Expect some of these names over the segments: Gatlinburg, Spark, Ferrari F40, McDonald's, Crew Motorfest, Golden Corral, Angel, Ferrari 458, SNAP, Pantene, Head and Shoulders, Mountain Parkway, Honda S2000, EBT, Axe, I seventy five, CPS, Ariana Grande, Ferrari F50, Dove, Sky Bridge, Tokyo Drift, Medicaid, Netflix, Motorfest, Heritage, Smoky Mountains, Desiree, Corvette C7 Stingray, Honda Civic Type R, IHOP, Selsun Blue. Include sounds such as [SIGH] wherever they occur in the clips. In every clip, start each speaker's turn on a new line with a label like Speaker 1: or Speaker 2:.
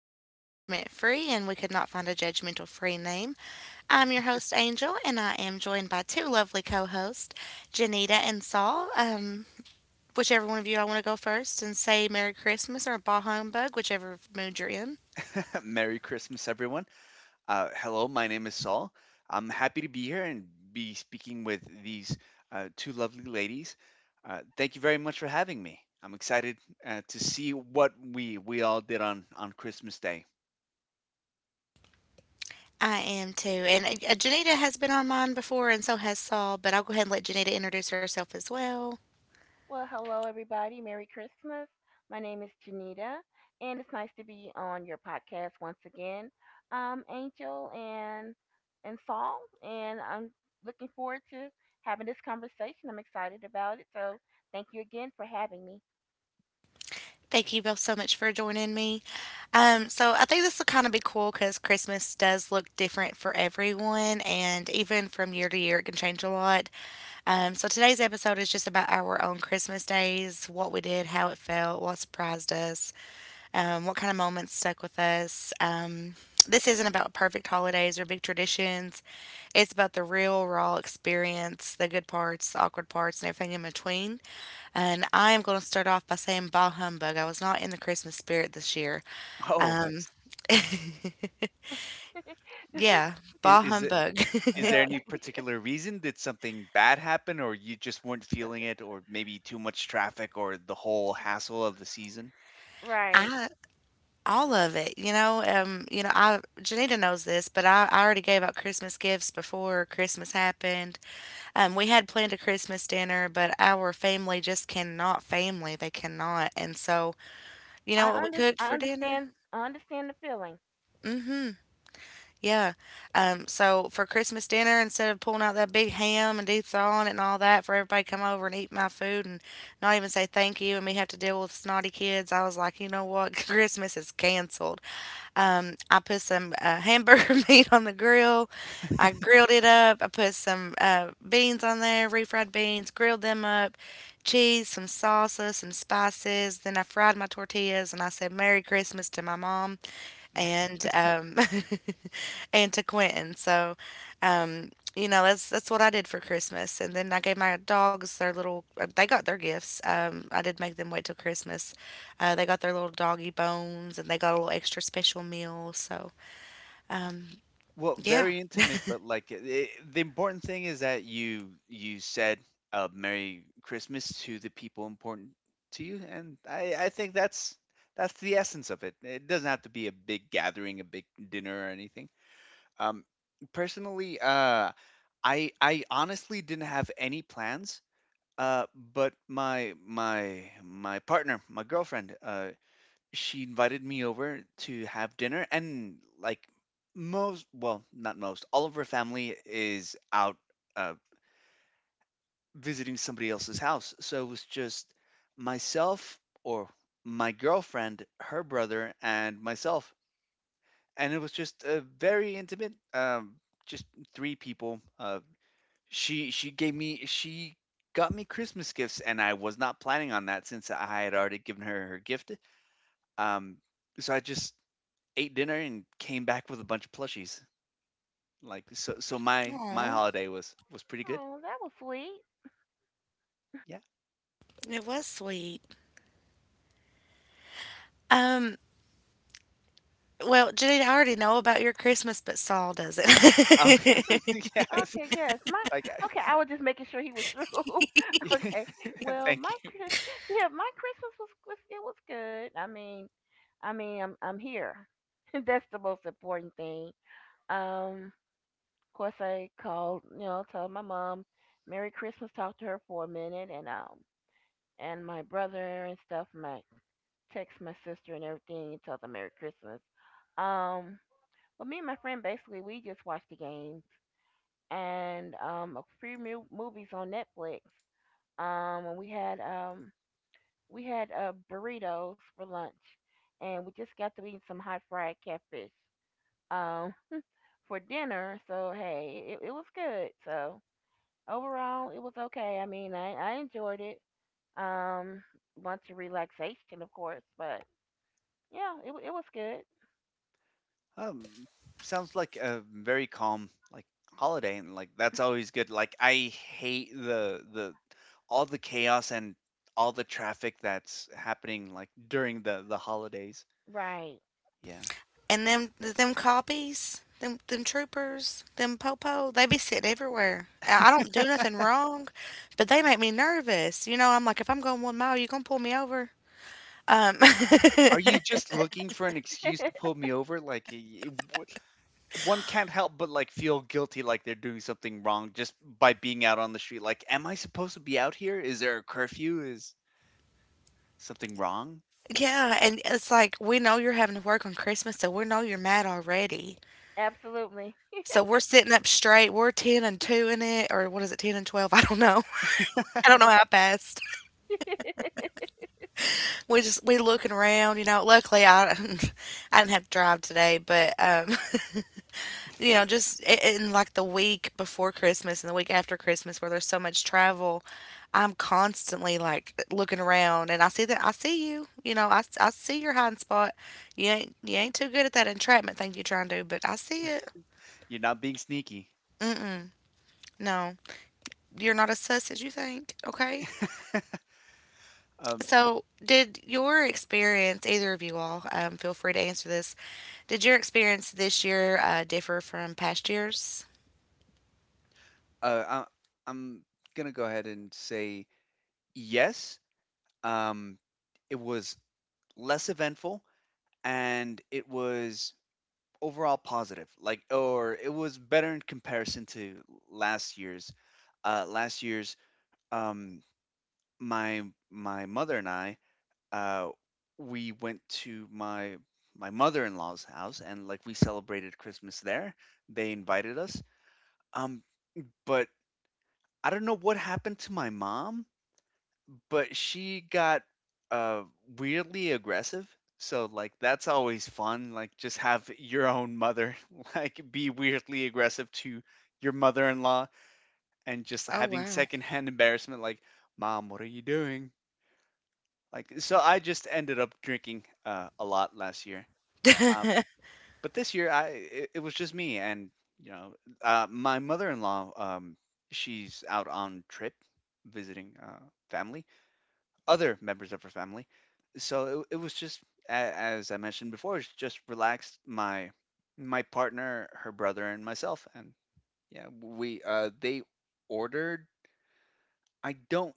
Speaker 1: because we are judgment free and we could not find a judgmental free name. I'm your host, Angel, and I am
Speaker 2: [LAUGHS]
Speaker 1: joined by two lovely co hosts, Janita and Saul. Whichever one of you I want to go first and say Merry Christmas or Bah Humbug, whichever mood you're in.
Speaker 2: Merry Christmas, everyone. Hello, my name is Saul. I'm happy to be here and be speaking with these two lovely ladies. Thank you very much for having me. I'm excited to see what we all did on Christmas Day.
Speaker 1: I am too. And Janita has been on mine before, and so has Saul, but I'll go ahead and let Janita introduce herself as well.
Speaker 3: Well, hello, everybody. Merry Christmas. My name is Janita, and it's nice to be on your podcast once again, Angel and Saul. And I'm looking forward to having this conversation. I'm excited about it. So thank you again for having me.
Speaker 1: Thank you both so much for joining me. So I think this will kind of be cool because Christmas does look different for everyone, and even from year to year, it can change a lot. So today's episode is just about our own Christmas days, what we did, how it felt, what surprised us, what kind of moments stuck with us. This isn't about perfect holidays or big traditions. It's about the real, raw experience, the good parts, the awkward parts, and everything in between. And I am going to start off by saying bah humbug. I was not in the Christmas spirit this year.
Speaker 2: Oh,
Speaker 1: Um,
Speaker 2: that's
Speaker 1: [LAUGHS]
Speaker 3: [LAUGHS]
Speaker 1: yeah, bah
Speaker 2: is
Speaker 1: humbug.
Speaker 2: Is there
Speaker 3: uh,
Speaker 2: any particular reason? Did something bad happen, or you just weren't feeling it, or maybe too much traffic, or the whole hassle of the season?
Speaker 1: [LAUGHS]
Speaker 3: right.
Speaker 1: I all of it, you know. I Janita knows this, but I already gave out Christmas gifts before Christmas happened. We had planned a Christmas dinner, but our family just cannot family. They cannot, and so you know what we cooked for dinner?
Speaker 3: I understand the feeling.
Speaker 1: Yeah. So for Christmas dinner, instead of pulling out that big ham and deep thawing it and all that, for everybody to come over and eat my food and not even say thank you, and me have to deal with snotty kids, I was like, you know what, [LAUGHS] Christmas is canceled. I put some hamburger [LAUGHS] meat on the grill. I grilled it up. I put some beans on there, refried beans, grilled them up, cheese, some salsa, some spices. Then I fried my tortillas and I said, Merry Christmas to my mom and [LAUGHS] and to Quentin. So, um, that's what I did for Christmas. And then I gave my dogs their little they got their gifts. I did make them wait till Christmas. They got their little doggy bones and they got a little extra special meal. So, um,
Speaker 2: Well,
Speaker 1: yeah.
Speaker 2: very intimate, but like the important thing is that you said Merry Christmas to the people important to you, and I think that's the essence of it. It doesn't have to be a big gathering, a big dinner or anything. Um, Personally, I honestly didn't have any plans. Uh, but my partner, my girlfriend, she invited me over to have dinner, and like most, well, not most, all of her family is out uh, visiting somebody else's house, so it was just myself or my girlfriend, her brother, and myself, and it was just very intimate. Just three people, she got me Christmas gifts, and I was not planning on that since I had already given her her gift. Um, so I just ate dinner and came back with a bunch of plushies. Like so my
Speaker 1: Oh,
Speaker 2: holiday was pretty good.
Speaker 3: Oh, that was sweet.
Speaker 2: Yeah.
Speaker 1: it was sweet. Um, well, Janine, I already know about your Christmas, but Saul doesn't.
Speaker 2: Oh
Speaker 1: [LAUGHS]
Speaker 2: [LAUGHS] yes.
Speaker 3: Okay, yes. My
Speaker 2: Like
Speaker 3: okay, I was just making sure he was through.
Speaker 2: I-
Speaker 3: [LAUGHS] okay.
Speaker 2: [LAUGHS]
Speaker 3: Well,
Speaker 2: thank you.
Speaker 3: Yeah, my Christmas was, it was good. I mean, I'm here. [LAUGHS] That's the most important thing. Um, of course, I called, you know, told my mom Merry Christmas, talked to her for a minute, and my brother and stuff. My text my sister and everything, and told them Merry Christmas. Um, but me and my friend basically we just watched the games and a few movies on Netflix. And we had burritos for lunch, and we just got to eating some hot fried catfish um, for dinner. So hey, it was good. So overall, it was okay. I mean, I enjoyed it. Um, bunch of relaxation, of course, but yeah, it was good.
Speaker 2: Um, Sounds like a very calm like holiday, and like that's always good. Like I hate the all the chaos and all the traffic that's happening like during the holidays.
Speaker 3: Right.
Speaker 2: Yeah.
Speaker 1: And them copies, them troopers, them popo, they be sitting everywhere. I don't do nothing wrong, but they make me nervous. You know, I'm like, if I'm going 1 mile, you gonna pull me over? Um,
Speaker 2: Like, are
Speaker 1: [LAUGHS]
Speaker 2: you just looking for an excuse to pull me over? Like, one can't help but like feel guilty, like they're doing something wrong just by being out on the street. Like, am I supposed to be out here? Is there a curfew? Is something wrong?
Speaker 1: yeah, and it's like we know you're having to work on Christmas, so we know you're mad already.
Speaker 3: [LAUGHS] Absolutely.
Speaker 1: So we're sitting up straight. We're ten and two in it, or what is it, 10 and 12? [LAUGHS] I don't know. [LAUGHS] I don't
Speaker 2: [LAUGHS]
Speaker 1: know how fast.
Speaker 3: [LAUGHS] it
Speaker 1: We looking around. You know, luckily I [LAUGHS] I didn't have to drive today, but [LAUGHS] you know, just in like the week before Christmas and the week after Christmas where there's so much travel, I'm constantly like looking around and I see that I see you, you know, I see your hiding spot. You ain't too good at that entrapment thing you trying to do, but I see it.
Speaker 2: You're not being sneaky.
Speaker 1: Mm-mm. No, you're not as sus as you think. Okay.
Speaker 2: Um,
Speaker 1: So, did your experience, either of you all, feel free to answer this. Did your experience this year differ from past years?
Speaker 2: Uh, I, I'm gonna go ahead and say yes. Um, it was less eventful and it was overall positive. Like, or it was better in comparison to last year's. Last year's, um, my my mother and I, uh, we went to my mother-in-law's house and like we celebrated Christmas there. They invited us. Um, but I don't know what happened to my mom. But she got, uh, weirdly aggressive, so, like, that's always fun, like, just have your own mother, [LAUGHS] like, be weirdly aggressive to your mother-in-law and just
Speaker 1: Oh,
Speaker 2: having
Speaker 1: wow.
Speaker 2: secondhand embarrassment, like, "Mom, what are you doing?" Like, so I just ended up drinking, a lot last year, um,
Speaker 1: [LAUGHS]
Speaker 2: but this year I it it was just me and, you know, my mother-in-law, she's out on trip visiting, family, other members of her family. So it was just a- as I mentioned before, it's just relaxed my partner, her brother, and myself, and yeah, we they ordered. I don't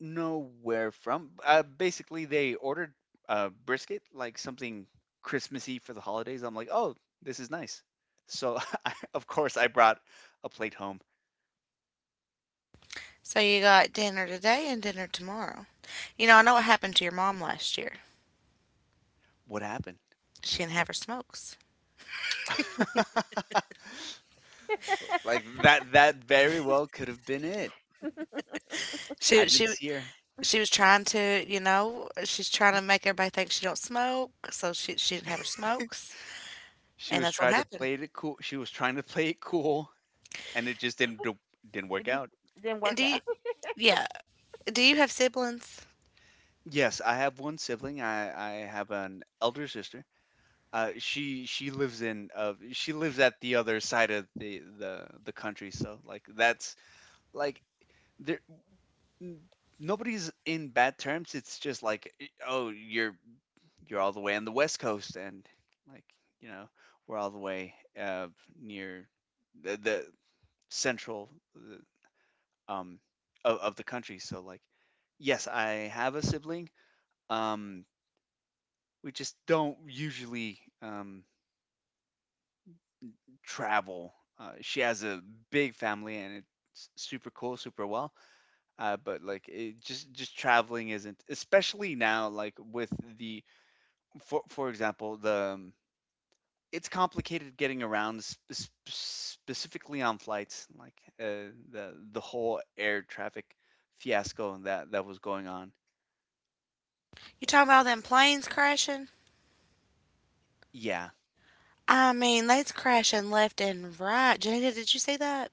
Speaker 2: know where from. Basically, they ordered brisket, like something Christmassy for the holidays. I'm like, oh, this is nice. So [LAUGHS] I, of course I brought a plate home.
Speaker 1: So you got dinner today and dinner tomorrow. You know, I know what happened to your mom last year.
Speaker 2: What happened?
Speaker 1: She didn't have her smokes.
Speaker 2: [LAUGHS] That that very well could have been it. I
Speaker 1: She
Speaker 2: didn't
Speaker 1: she
Speaker 2: see her.
Speaker 1: she was trying to, you know, she's trying to make everybody think she don't smoke, so she didn't have her smokes,
Speaker 2: She
Speaker 1: and
Speaker 2: was
Speaker 1: that's what
Speaker 2: trying to
Speaker 1: happened.
Speaker 2: play it cool. She was trying to play it cool, and it just didn't work
Speaker 3: just
Speaker 2: out.
Speaker 3: didn't
Speaker 1: And
Speaker 3: work out.
Speaker 1: yeah, do you have siblings?
Speaker 2: Yes, I have one sibling. I have an elder sister. She lives in she lives at the other side of the the country. So like that's like there n- nobody's in bad terms. It's just like oh you're all the way on the west coast, and like you know we're all the way uh near the central um, of the country. So like, yes, I have a sibling. Um, we just don't usually travel. She has a big family and it's super cool, super well. But like, it just traveling isn't, especially now. Like with the, for example, the it's complicated getting around, specifically on flights. Like the whole air traffic fiasco that was going on.
Speaker 1: You talking about all them planes crashing?
Speaker 2: Yeah,
Speaker 1: I mean, they's crashing left and right. Janita, did you see that?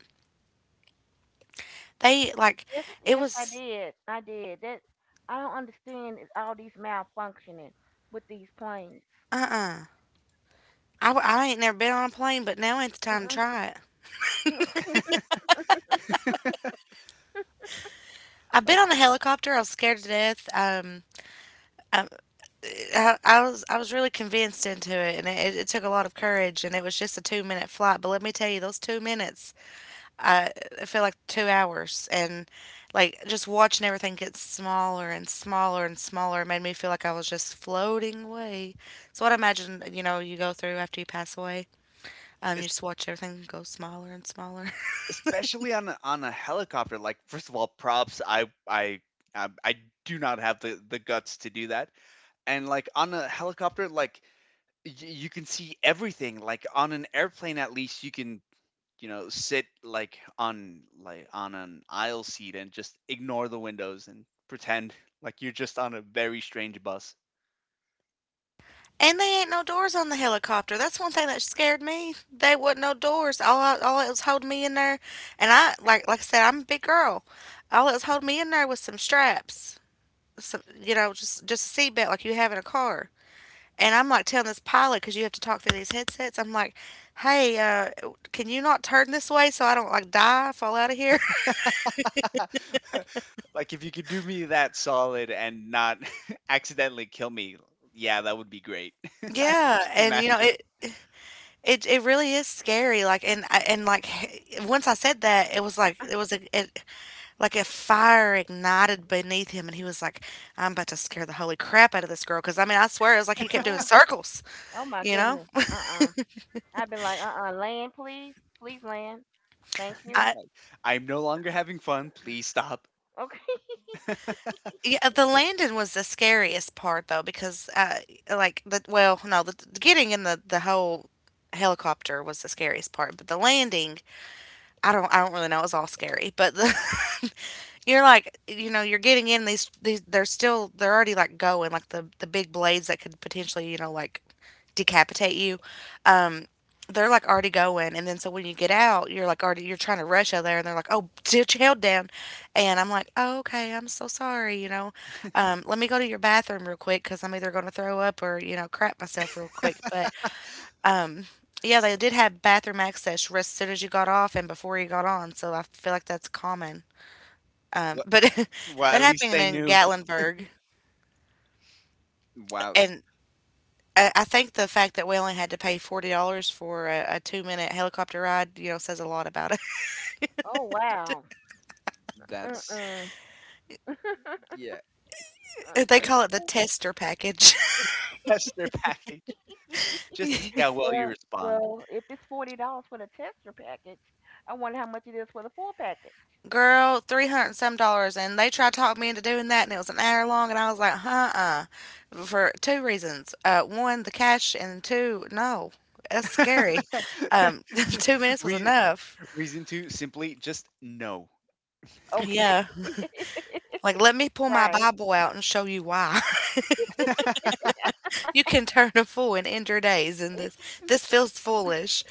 Speaker 1: They like,
Speaker 3: Yes,
Speaker 1: it
Speaker 3: yes, I
Speaker 1: was
Speaker 3: did. I did. That I don't understand is all these malfunctioning with these planes.
Speaker 1: uh uh I ain't never been on a plane, but now ain't the time to try it.
Speaker 3: Uh-uh. [LAUGHS]
Speaker 1: I've been
Speaker 2: like
Speaker 1: on a helicopter. I was scared to death. I, I was really convinced into it, and it, it took a lot of courage. And it was just a 2 minute flight, but let me tell you, those 2 minutes, I, I feel like 2 hours. And like just watching everything get smaller and smaller and smaller made me feel like I was just floating away. It's what I imagine you know you go through after you pass away. You just watch everything go smaller and smaller.
Speaker 2: Especially on a helicopter, like, first of all, props, I do not have the guts to do that, and, like, on a helicopter, like, y you can see everything, like, on an airplane, at least, you can, you know, sit, like, on an aisle seat and just ignore the windows and pretend [LAUGHS] like you're just on a very strange bus.
Speaker 1: And they ain't no doors on the helicopter. That's one thing that scared me. They wasn't no doors. All it was holding me in there, and I like I said, I'm a big girl. All it was holding me in there was some straps, some you know, just a seat belt like you have in a car. And I'm like telling this pilot because you have to talk through these headsets. I'm like, hey, can you not turn this way so I don't like die, fall out of here? [LAUGHS]
Speaker 2: [LAUGHS] Like, if you could do me that solid and not [LAUGHS] accidentally kill me, yeah, that would be great. [LAUGHS] I could
Speaker 1: Yeah,
Speaker 2: just
Speaker 1: and you know
Speaker 2: imagine.
Speaker 1: it. It really is scary like and like [LAUGHS] once I said that it was like it was a it, like a fire ignited beneath him, and he was like, I'm about to scare the holy crap out of this girl. Because, I mean, I swear it was like he kept doing
Speaker 3: oh,
Speaker 1: circles,
Speaker 3: [SIGHS] oh my
Speaker 1: you know?
Speaker 3: goodness. Uh-uh. I'd be like, uh-uh, land, please, please land. Thank you.
Speaker 1: I.
Speaker 2: Like, I'm no longer having fun. Please stop.
Speaker 3: Okay. [LAUGHS]
Speaker 2: [LAUGHS]
Speaker 1: Yeah, the landing was the scariest part though because like the well no the, the getting in the whole helicopter was the scariest part but the landing I don't really know it was all scary but the [LAUGHS] you're like you know you're getting in these they're still they're already like going like the big blades that could potentially you know like decapitate you um they're like already going and then so when you get out you're like already you're trying to rush out there and they're like oh [LAUGHS] ditch held down and I'm like oh, okay I'm so sorry you know let me go to your bathroom real quick because I'm either going to throw up or you know crap myself real quick but um yeah they did have bathroom access as soon as you got off and before you got on so I feel like that's common,
Speaker 2: Wh-
Speaker 1: but [LAUGHS]
Speaker 2: well,
Speaker 1: that
Speaker 2: at least
Speaker 1: happened
Speaker 2: they
Speaker 1: in
Speaker 2: knew.
Speaker 1: Gatlinburg,
Speaker 2: Wow,
Speaker 1: and I think the fact that we only had to pay $40 for a two-minute helicopter ride, you know, says a lot about
Speaker 3: Oh wow.
Speaker 2: that's
Speaker 3: Mm-mm.
Speaker 2: yeah,
Speaker 1: it. [LAUGHS] They
Speaker 2: like
Speaker 1: call it the
Speaker 3: [LAUGHS]
Speaker 1: tester package.
Speaker 2: test their [LAUGHS] package just to see how well you
Speaker 3: well,
Speaker 2: respond.
Speaker 3: if it's $40 for the tester package, I wonder how much it is for the full package.
Speaker 1: [LAUGHS] Girl, 300 and some dollars, and they tried to talk me into doing that, and it was an hour long, and I was like, uh-uh, for two reasons. One, the cash, and two, no, that's
Speaker 2: [LAUGHS]
Speaker 1: scary. Um, [LAUGHS] 2 minutes was
Speaker 2: Re-
Speaker 1: enough.
Speaker 2: reason two, simply just no.
Speaker 3: Okay.
Speaker 1: Yeah, like let me
Speaker 3: [LAUGHS]
Speaker 1: pull my
Speaker 3: right.
Speaker 1: Bible out and show you why. You can turn a fool in injured days, and
Speaker 3: [LAUGHS]
Speaker 1: this feels foolish.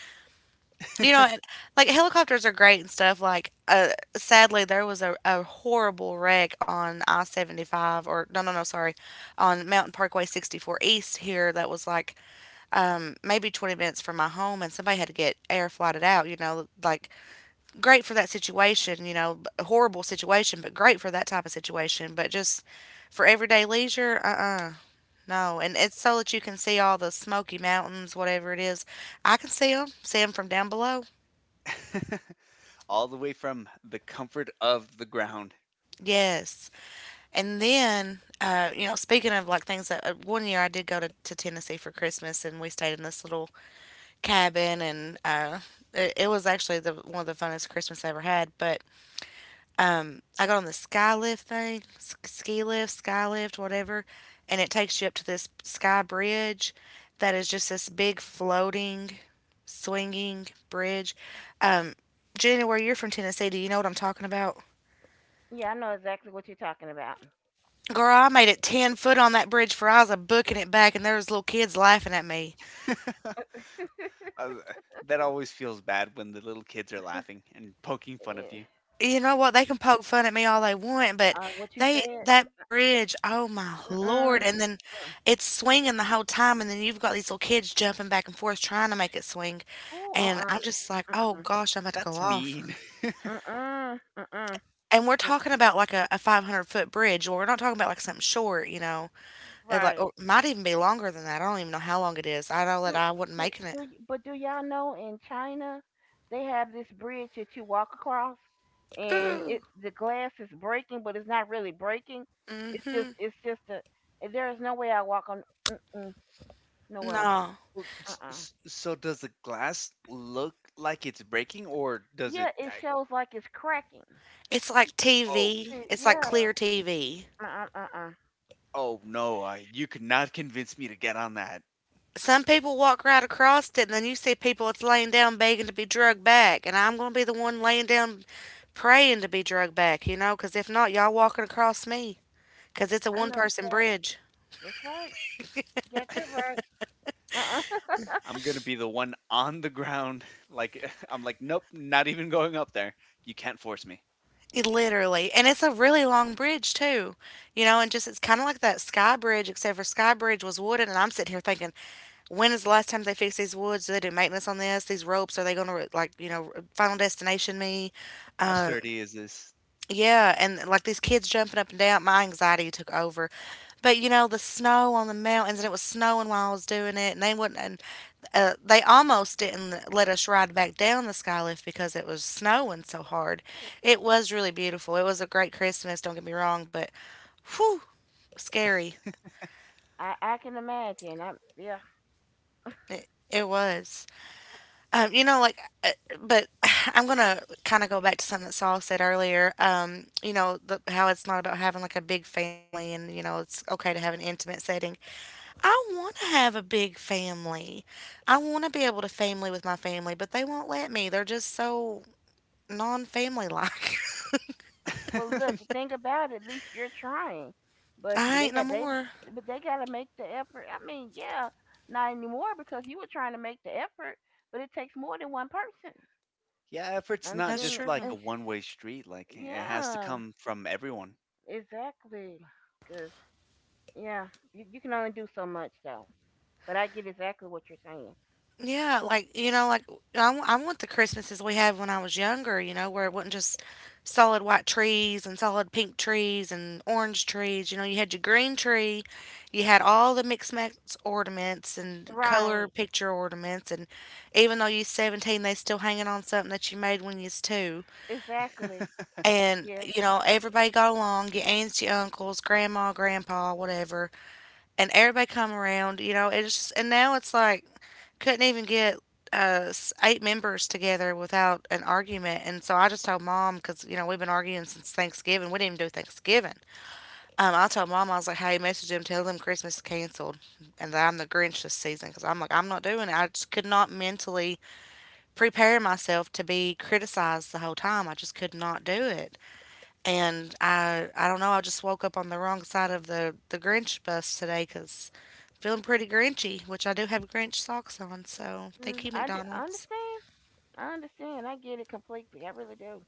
Speaker 1: You know, and, like helicopters are great and stuff. Like, sadly, there was a horrible wreck on I 75, or no, sorry, on Mountain Parkway 64 East here. That was like maybe 20 minutes from my home, and somebody had to get air flighted out. You know, like great for that situation. You know, horrible situation, but great for that type of situation. But just for everyday leisure, no, and it's so that you can see all the Smoky Mountains, whatever it is. I can see them from down below.
Speaker 2: [LAUGHS] All the way from the comfort of the ground.
Speaker 1: Yes. And then, you know, speaking of like things that 1 year I did go to Tennessee for Christmas and we stayed in this little cabin and it, it was actually the one of the funnest Christmas I ever had. But I got on the sky lift thing, ski lift, sky lift, whatever, and it takes you up to this sky bridge that is just this big floating, swinging bridge. Um, Jenny, where you're from Tennessee, do you know what I'm talking about?
Speaker 3: Yeah, I know exactly what you're talking about.
Speaker 1: Girl, I made it 10 foot on that bridge for I was a booking it back, and there was little kids laughing at me.
Speaker 2: [LAUGHS] Uh, that always feels bad when the little kids are laughing and poking fun of
Speaker 3: Eh,
Speaker 2: you.
Speaker 1: You know what? They can poke fun at me all they want, but
Speaker 3: uh, what you
Speaker 1: they
Speaker 3: said?
Speaker 1: that bridge, oh my lord!
Speaker 3: Uh-uh.
Speaker 1: And then
Speaker 3: Uh.
Speaker 1: it's swinging the whole time, and then you've got these little kids jumping back and forth trying to make it swing,
Speaker 3: Ooh,
Speaker 1: and
Speaker 3: uh-uh.
Speaker 1: I'm just like, oh
Speaker 3: Uh-uh.
Speaker 1: gosh, I'm about to go
Speaker 2: That's
Speaker 1: off.
Speaker 2: mean.
Speaker 3: Uh-uh. Uh-uh.
Speaker 1: And we're
Speaker 3: No.
Speaker 1: talking about like a 500-foot bridge, or we're not talking about like something short, you know? It like
Speaker 3: Right.
Speaker 1: or might even be longer than that. I don't even know how long it is. I know that
Speaker 3: Do,
Speaker 1: I wasn't
Speaker 3: do
Speaker 1: making it.
Speaker 3: do but do y'all know in China they have this bridge that you walk across and
Speaker 1: Ooh,
Speaker 3: it the glass is breaking but it's not really breaking. It's just
Speaker 1: mm-hmm.
Speaker 3: a there is no way I walk on mm-mm, no way.
Speaker 1: No,
Speaker 2: Well,
Speaker 3: Uh-uh.
Speaker 2: so does the glass look like it's breaking, or does it?
Speaker 3: Yeah, it shows like it's cracking.
Speaker 1: it's like
Speaker 2: Oh,
Speaker 1: TV.
Speaker 3: See,
Speaker 1: It's like
Speaker 3: yeah.
Speaker 1: clear TV.
Speaker 3: Uh-uh. Uh-uh.
Speaker 2: oh no! I, you could not convince me to get on that.
Speaker 1: Some people walk right across it, and then you see people that's laying down begging to be drugged back, and I'm going to be the one laying down praying to be drugged back, you know, 'cause if not, y'all walking across me, 'cause it's a
Speaker 3: I
Speaker 1: one
Speaker 3: know that's
Speaker 1: person
Speaker 3: right.
Speaker 1: bridge.
Speaker 3: That's right. Get that
Speaker 2: [LAUGHS]
Speaker 3: right. Uh-uh. [LAUGHS]
Speaker 2: I'm gonna be the one on the ground. [LAUGHS] Like [LAUGHS] I'm like, nope, not even going up there. You can't force me.
Speaker 1: It literally. And it's a really long bridge, too. You know, and just it's kind of like that Sky Bridge, except for Sky Bridge was wooden. And I'm sitting here thinking, when is the last time they fixed these woods? Do they do maintenance on this? These ropes, are they going to, like, you know, final destination me?
Speaker 2: How sturdy is this?
Speaker 1: Yeah, and like these kids jumping up and down, my anxiety took over. But you know, the snow on the mountains, and it was snowing while I was doing it, and they wouldn't, and they almost didn't let us ride back down the skylift because it was snowing so hard. It was really beautiful. It was a great Christmas, don't get me wrong, but whew, scary.
Speaker 3: I can imagine. I yeah.
Speaker 1: It was. Like, uh, but [SIGHS] I'm gonna kind of go back to something that Saul said earlier. How it's not about having like a big family, and you know, it's okay to have an intimate setting. I want to have a big family. I want to be able to family with my family, but they won't let me. They're just so non-family like.
Speaker 3: Well, look,
Speaker 2: [LAUGHS]
Speaker 3: the thing about it, at least you're trying.
Speaker 1: [LAUGHS]
Speaker 3: But
Speaker 1: I
Speaker 3: they
Speaker 1: ain't no
Speaker 3: got they
Speaker 1: more.
Speaker 3: but they got to make the effort. I mean, yeah, not anymore because you were trying to make the effort, but it takes more than one person.
Speaker 2: yeah, effort's
Speaker 3: And,
Speaker 2: not
Speaker 1: That's
Speaker 3: and,
Speaker 2: just
Speaker 1: true.
Speaker 2: like a
Speaker 3: and sh-
Speaker 2: one-way street. Like it has to
Speaker 3: yeah,
Speaker 2: come from everyone.
Speaker 3: exactly. Cuz yeah, you can only do so much though. But I get exactly what you're saying.
Speaker 1: Yeah, like you know, like I want the Christmases we had when I was younger. You know, where it wasn't just solid white trees and solid pink trees and orange trees. You know, you had your green tree, you had all the mixed match ornaments and color
Speaker 3: Right.
Speaker 1: picture ornaments, and even though you're 17, they still hanging on something that you made when you was two.
Speaker 2: [LAUGHS]
Speaker 3: Exactly.
Speaker 1: And
Speaker 3: Yes.
Speaker 1: you know, everybody got along. Your aunts, your uncles, grandma, grandpa, whatever and everybody come around, you know, it's just, and now it's like, couldn't even get eight members together without an argument. And so I just told mom, because, you know, we've been arguing since Thanksgiving. We didn't even do Thanksgiving. I told mom, I was like, hey, message them, tell them Christmas is canceled and that I'm the Grinch this season because I'm like, I'm not doing it. I just could not mentally prepare myself to be criticized the whole time. I just could not do it, and I don't know. I just woke up on the wrong side of the Grinch bus today because feeling pretty Grinchy, which I do have Grinch socks on. So
Speaker 3: Mm,
Speaker 1: thank you,
Speaker 3: I
Speaker 1: McDonald's.
Speaker 3: understand. I understand. I get it completely. I really do.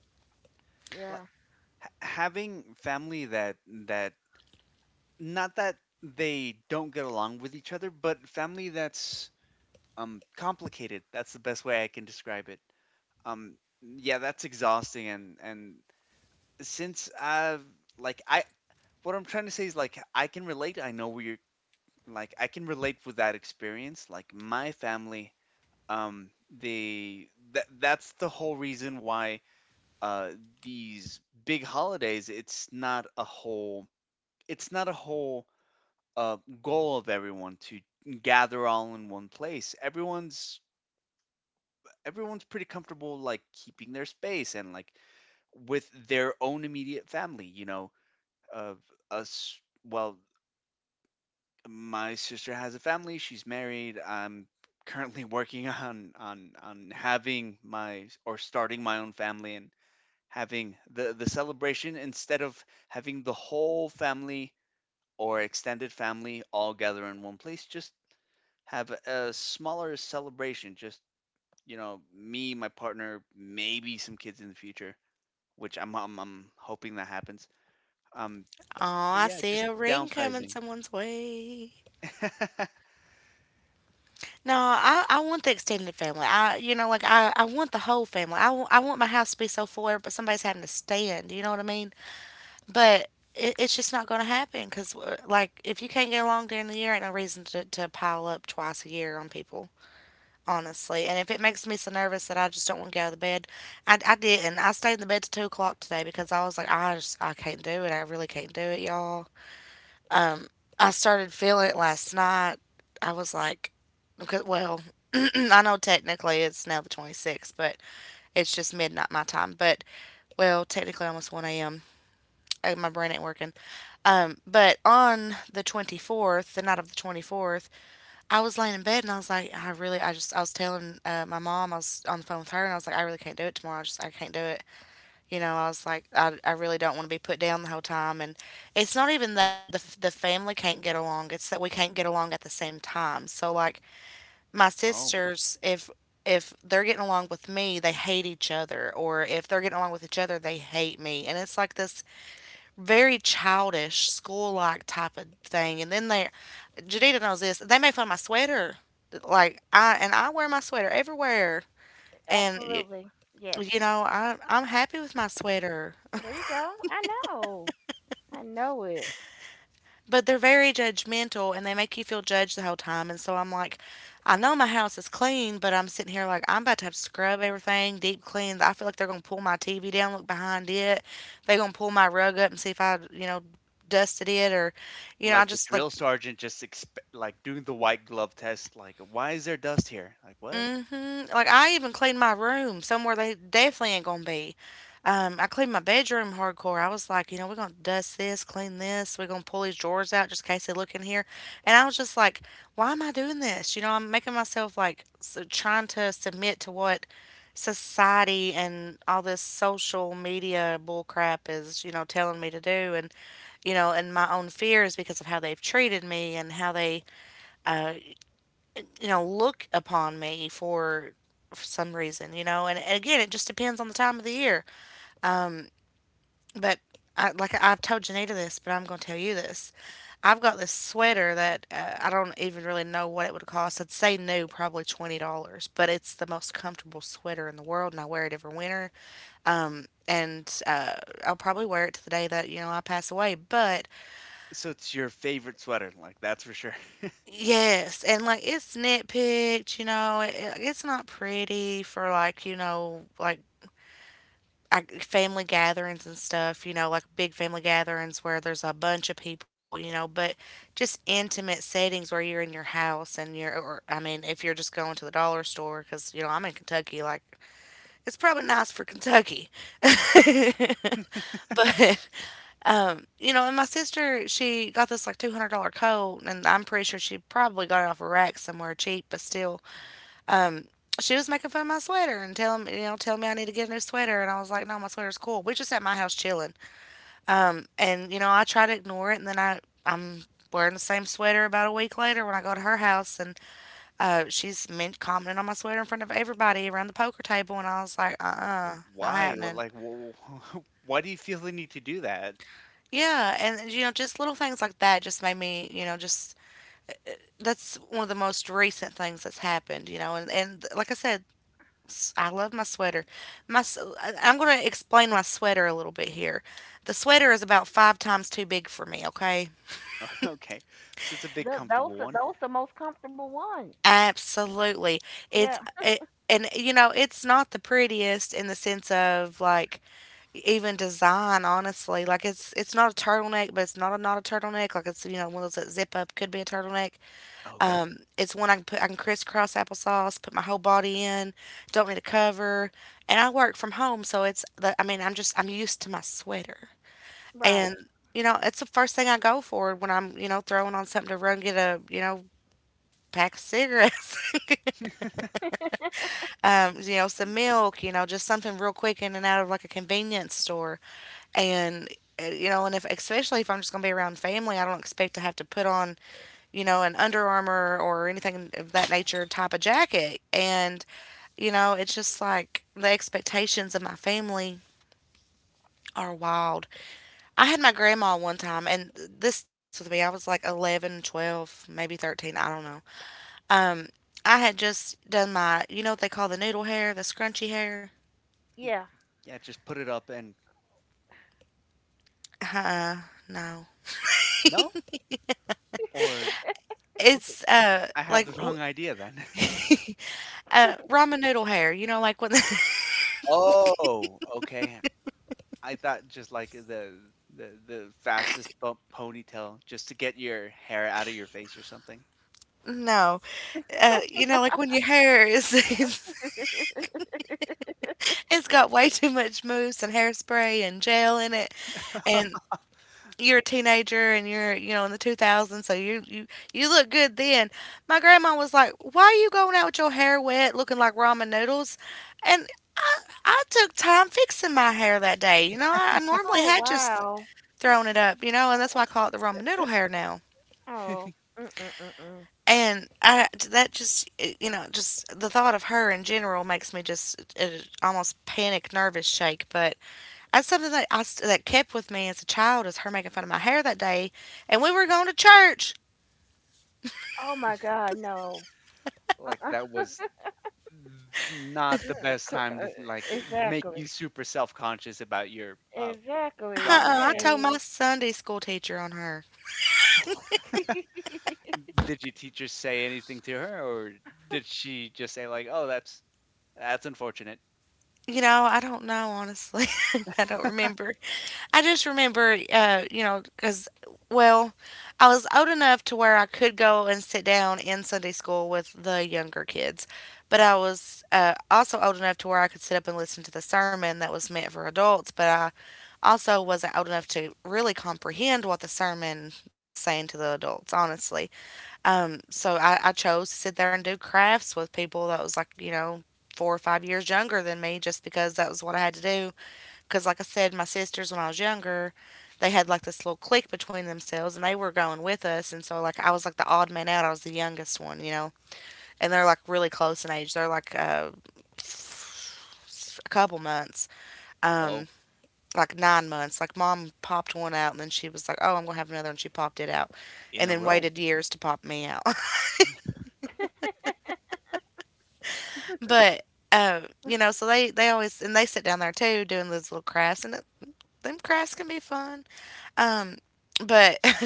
Speaker 2: Like,
Speaker 3: Yeah.
Speaker 2: having family that Not that they don't get along with each other, but family that's complicated. That's the best way I can describe it. Um yeah, that's exhausting and since I've like I what I'm trying to say is like I can relate. I know where you're like I can relate with that experience. Like my family they that's the whole reason why uh these big holidays it's not a whole goal of everyone to gather all in one place. Everyone's pretty comfortable like keeping their space and like with their own immediate family. You know, of us. Well, my sister has a family. She's married. I'm currently [LAUGHS] working on on having my or starting my own family and having the celebration instead of having the whole family or extended family all gather in one place just have a smaller celebration. Just you know, me, my partner, maybe some kids in the future, which I'm hoping that happens. Um,
Speaker 1: Oh,
Speaker 2: but
Speaker 1: I
Speaker 2: yeah,
Speaker 1: see
Speaker 2: just
Speaker 1: a ring coming
Speaker 2: downsizing.
Speaker 1: someone's way.
Speaker 2: [LAUGHS]
Speaker 1: No, I want the extended family. I you know like I want the whole family. I want my house to be so full, but somebody's having to stand. You know what I mean? But it's just not going to happen because like if you can't get along during the year, ain't no reason to pile up twice a year on people. Honestly. And if it makes me so nervous that I just don't want to get out of the bed, I didn't. I stayed in the bed till 2 o'clock today because I was like, I just I can't do it. I really can't do it, y'all. I started feeling it last night. I was like, because well, [CLEARS THROAT] I know technically it's now the 26th, but it's just midnight my time. But well, technically almost 1 a.m. My brain ain't working. But on the 24th, the night of the 24th, I was laying in bed and I was like, I really, I just, I was telling my mom, I was on the phone with her and I was like, I really can't do it tomorrow. I just, I can't do it. You know, I was like, I really don't want to be put down the whole time. And it's not even that the family can't get along, it's that we can't get along at the same time. So, like, my
Speaker 2: oh,
Speaker 1: sisters, if they're getting along with me, they hate each other. Or if they're getting along with each other, they hate me. And it's like this very childish, school like type of thing. And then they, Jadita knows this, they made fun of my sweater. Like, I, and I wear my sweater everywhere. And,
Speaker 3: Absolutely. Yes.
Speaker 1: you know, I'm happy with my sweater.
Speaker 3: There you go. I know. I know it.
Speaker 1: But they're very judgmental and they make you feel judged the whole time. And so I'm like, I know my house is clean, but I'm sitting here like, I'm about to have to scrub everything, deep clean. I feel like they're going to pull my TV down, look behind it. They're going to pull my rug up and see if I, you know, dusted it or you know I
Speaker 2: like a
Speaker 1: just like.
Speaker 2: drill sergeant, like doing the white glove test. Like, why is there dust here? Like, what?
Speaker 1: Like I even cleaned my room somewhere they definitely ain't gonna be. I cleaned my bedroom hardcore. I was like, you know, we're gonna dust this, clean this. We're gonna pull these drawers out just in case they look in here. And I was just like, why am I doing this? You know, I'm making myself like so trying to submit to what society and all this social media bullcrap is, you know, telling me to do. And you know, and my own fears because of how they've treated me and how they uh, look upon me for some reason, you know. And again, it just depends on the time of the year. But I, like I've told Janita this, but I'm going to tell you this. I've got this sweater that I don't even really know what it would cost. I'd say new, probably $20, but it's the most comfortable sweater in the world, and I wear it every winter. And I'll probably wear it to the day that, you know, I pass away. But
Speaker 2: So it's your favorite sweater. Like, that's for sure.
Speaker 1: yes, and like it's nitpicked, you know, it's not pretty for like, you know, like I, family gatherings and stuff, you know, like big family gatherings where there's a bunch of people, you know, but just intimate settings where you're in your house and you're, or I mean, if you're just going to the dollar store, because, you know, I'm in Kentucky, like it's probably nice for Kentucky. [LAUGHS] But, you know, and my sister, she got this like $200 coat, and I'm pretty sure she probably got it off a rack somewhere cheap, but still, um, she was making fun of my sweater and telling me, you know, telling me I need to get a new sweater. And I was like, no, my sweater's cool. We are just at my house chilling. And, you know, I try to ignore it. And then I, I'm wearing the same sweater about a week later when I go to her house. And she's commenting on my sweater in front of everybody around the poker table. And I was like,
Speaker 2: [LAUGHS]
Speaker 1: not
Speaker 2: Why? Well,
Speaker 1: happening.
Speaker 2: like, [LAUGHS] why do you feel the need to do that?
Speaker 1: Yeah. And, you know, just little things like that just made me, you know, just. That's one of the most recent things that's happened, you know, and like I said, I love my sweater. I'm going to explain my sweater a little bit here. The sweater is about five times too big for me. Okay,
Speaker 2: [LAUGHS] Okay, so it's a big
Speaker 3: Th those
Speaker 2: comfortable
Speaker 3: are
Speaker 2: one.
Speaker 3: those the most comfortable ones.
Speaker 1: absolutely.
Speaker 3: Yeah.
Speaker 1: It's, and you know it's not the prettiest in the sense of like even design. Honestly, like it's not a turtleneck, but it's not a turtleneck. Like it's you know one of those that zip up could be a turtleneck.
Speaker 2: Okay.
Speaker 1: It's one I can put. I can crisscross applesauce. Put my whole body in. Don't need a cover. And I work from home, so it's. The, I mean, I'm just. I'm used to my sweater, and
Speaker 3: Right.
Speaker 1: you know, it's the first thing I go for when I'm. You know, throwing on something to run get a. You know, pack of cigarettes. [LAUGHS] You know, some milk. You know, just something real quick in and out of like a convenience store, and you know, and if especially if I'm just gonna be around family, I don't expect to have to put on you know, an Under Armour or anything of that nature type of jacket. And, you know, it's just like the expectations of my family are wild. I had my grandma one time, and this sticks with me. I was like 11, 12, maybe 13, I don't know. Um, I had just done my, you know what they call the noodle hair, the scrunchy hair?
Speaker 2: Y-
Speaker 3: Yeah.
Speaker 2: Yeah, just put it up and
Speaker 1: Uh, no.
Speaker 2: no, Or okay,
Speaker 1: It's uh
Speaker 2: I have
Speaker 1: like
Speaker 2: the [LAUGHS]
Speaker 1: w-
Speaker 2: wrong idea then. [LAUGHS]
Speaker 1: uh ramen noodle hair, you know, like when
Speaker 2: Oh, okay. I thought just like the fastest bump ponytail just to get your hair out of your face or something.
Speaker 1: [LAUGHS] no, you know, like when your hair is [LAUGHS]
Speaker 3: [LAUGHS]
Speaker 1: it's got way too much mousse and hairspray and gel in it, and
Speaker 2: [LAUGHS]
Speaker 1: you're a teenager and you're you know in the 2000s, so you you look good then. My grandma was like, "Why are you going out with your hair wet, looking like ramen noodles?" And I I took time fixing my hair that day. You know, I normally
Speaker 3: oh
Speaker 1: had just
Speaker 3: wow.
Speaker 1: thrown it up. You know, and that's why I call it the ramen
Speaker 3: Uh,
Speaker 1: noodle hair now.
Speaker 3: oh. Mm mm mm mm.
Speaker 1: And I that just you know just the thought of her in general makes me just almost panic, nervous shake, but. That's something that that kept with me as a child is her making fun of my hair that day, and we were going to church.
Speaker 3: Oh my God. No. Uh
Speaker 2: Like
Speaker 3: uh.
Speaker 2: that was not the
Speaker 3: Mm,
Speaker 2: best time to like make you
Speaker 3: exactly.
Speaker 2: super self-conscious about your
Speaker 3: Exactly.
Speaker 2: ramen
Speaker 1: Uh-uh, I
Speaker 2: hair.
Speaker 1: told my
Speaker 3: Right.
Speaker 1: Sunday school teacher on her.
Speaker 3: [LAUGHS]
Speaker 2: Did your teacher say anything to her or did she just say like, "Oh, that's unfortunate."
Speaker 1: You know, I don't know honestly. [LAUGHS] I don't remember. I just remember, you know, because well, I was old enough to where I could go and sit down in Sunday school with the younger kids, but I was also old enough to where I could sit up and listen to the sermon that was meant for adults. But I also wasn't old enough to really comprehend what the sermon was saying to the adults, honestly. So I chose to sit there and do crafts with people that was like, you know, 4 or 5 years younger than me just because that was what I had to do. Because, like I said, my sisters, when I was younger, they had like this little clique between themselves and they were going with us. And so, like, I was like the odd man out. I was the youngest one, you know. And they're like really close in age. They're like a couple months. Um,
Speaker 2: Oh,
Speaker 1: like 9 months. Like mom popped one out and then she was like, "Oh, I'm gonna have another," and she popped it out,
Speaker 2: in
Speaker 1: and
Speaker 2: a
Speaker 1: then
Speaker 2: row.
Speaker 1: waited years to pop me out. [LAUGHS] But you know, so they always and they sit down there too doing those little crafts, and them crafts can be fun. Um, but [LAUGHS]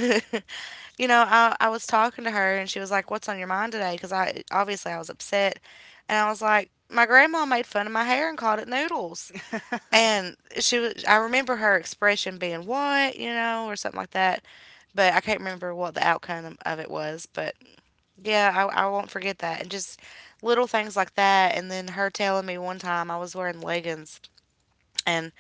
Speaker 1: you know, I was talking to her and she was like, "What's on your mind today?" Because I obviously I was upset, and I was like, "My grandma made fun of my hair and called it noodles."
Speaker 2: [LAUGHS]
Speaker 1: And she was, I remember her expression being, what, you know, or something like that. But I can't remember what the outcome of it was. But yeah, I won't forget that. And just little things like that. And then her telling me one time I was wearing leggings and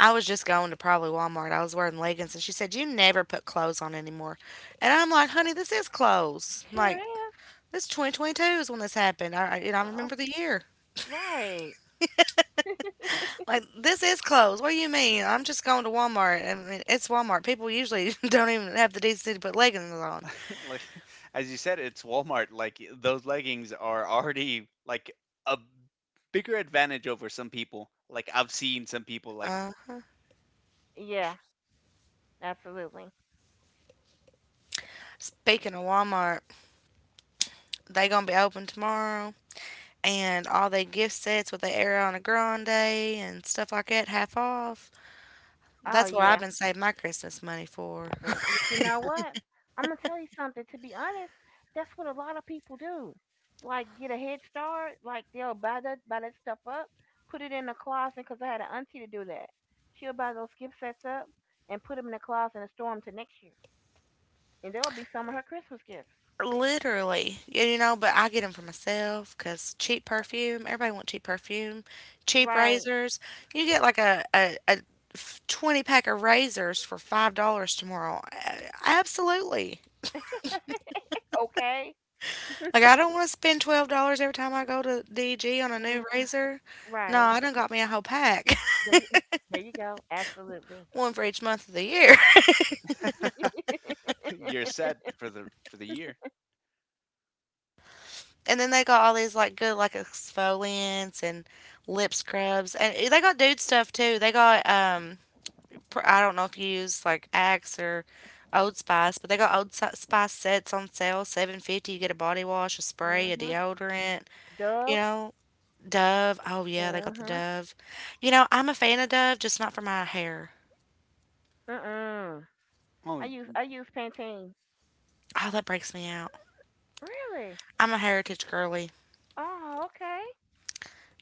Speaker 1: I was just going to probably Walmart. I was wearing leggings. And she said, you never put clothes on anymore. And I'm like, honey, this is clothes.
Speaker 3: sure
Speaker 1: Like,
Speaker 3: is.
Speaker 1: this 2022 is when this happened. And I
Speaker 3: Uh,
Speaker 1: remember the year.
Speaker 3: right.
Speaker 1: Like this is closed. What do you mean? I'm just going to Walmart. I mean, it's Walmart. People usually [LAUGHS] don't even have the decency to put leggings on.
Speaker 2: [LAUGHS] like as you said it's walmart like those leggings are already like a bigger advantage over some people like I've seen some people like
Speaker 1: Uh,
Speaker 3: Yeah. Absolutely.
Speaker 1: speaking of Walmart, they gonna be open tomorrow, and all they gift sets with the Ariana Grande and stuff like that half off.
Speaker 3: Oh
Speaker 1: That's what I've
Speaker 3: yeah.
Speaker 1: been saving my Christmas money for.
Speaker 3: But you know what? I'm gonna tell you something. To be honest, that's what a lot of people do. Like get a head start. Like they'll buy that stuff up, put it in the closet. Cause I had an auntie to do that. She'll buy those gift sets up and put them in the closet and store them to next year. And there'll be some of her Christmas gifts.
Speaker 1: Literally, you know, but I get them for myself because cheap perfume, everybody want cheap perfume, cheap
Speaker 3: Right.
Speaker 1: razors. You get like a 20 pack of razors for $5 tomorrow. A- Absolutely.
Speaker 3: [LAUGHS] Okay.
Speaker 1: Like, I don't want to spend $12 every time I go to DG on a
Speaker 3: Uh,
Speaker 1: new razor. No,
Speaker 3: right.
Speaker 1: I done got me a whole pack,
Speaker 3: There you, there you go. Absolutely.
Speaker 1: [LAUGHS] one for each month of the year. [LAUGHS]
Speaker 2: [LAUGHS] you're set
Speaker 3: [LAUGHS]
Speaker 2: for the year
Speaker 1: And then they got all these like good like exfoliants and lip scrubs, and they got dude stuff too. They got I don't know if you use like Axe or Old Spice, but they got Spice sets on sale, 7.50. You get a body wash, a spray, a
Speaker 3: mhm.
Speaker 1: deodorant. You
Speaker 3: Dove.
Speaker 1: know, Dove. Oh yeah, they got the
Speaker 3: Mhm.
Speaker 1: Dove. You know, I'm a fan of Dove, just not for my hair.
Speaker 3: Mm mm.
Speaker 2: oh
Speaker 3: I use Pantene.
Speaker 1: Oh, that breaks me out.
Speaker 3: Really?
Speaker 1: I'm a heritage girly.
Speaker 3: Oh, okay.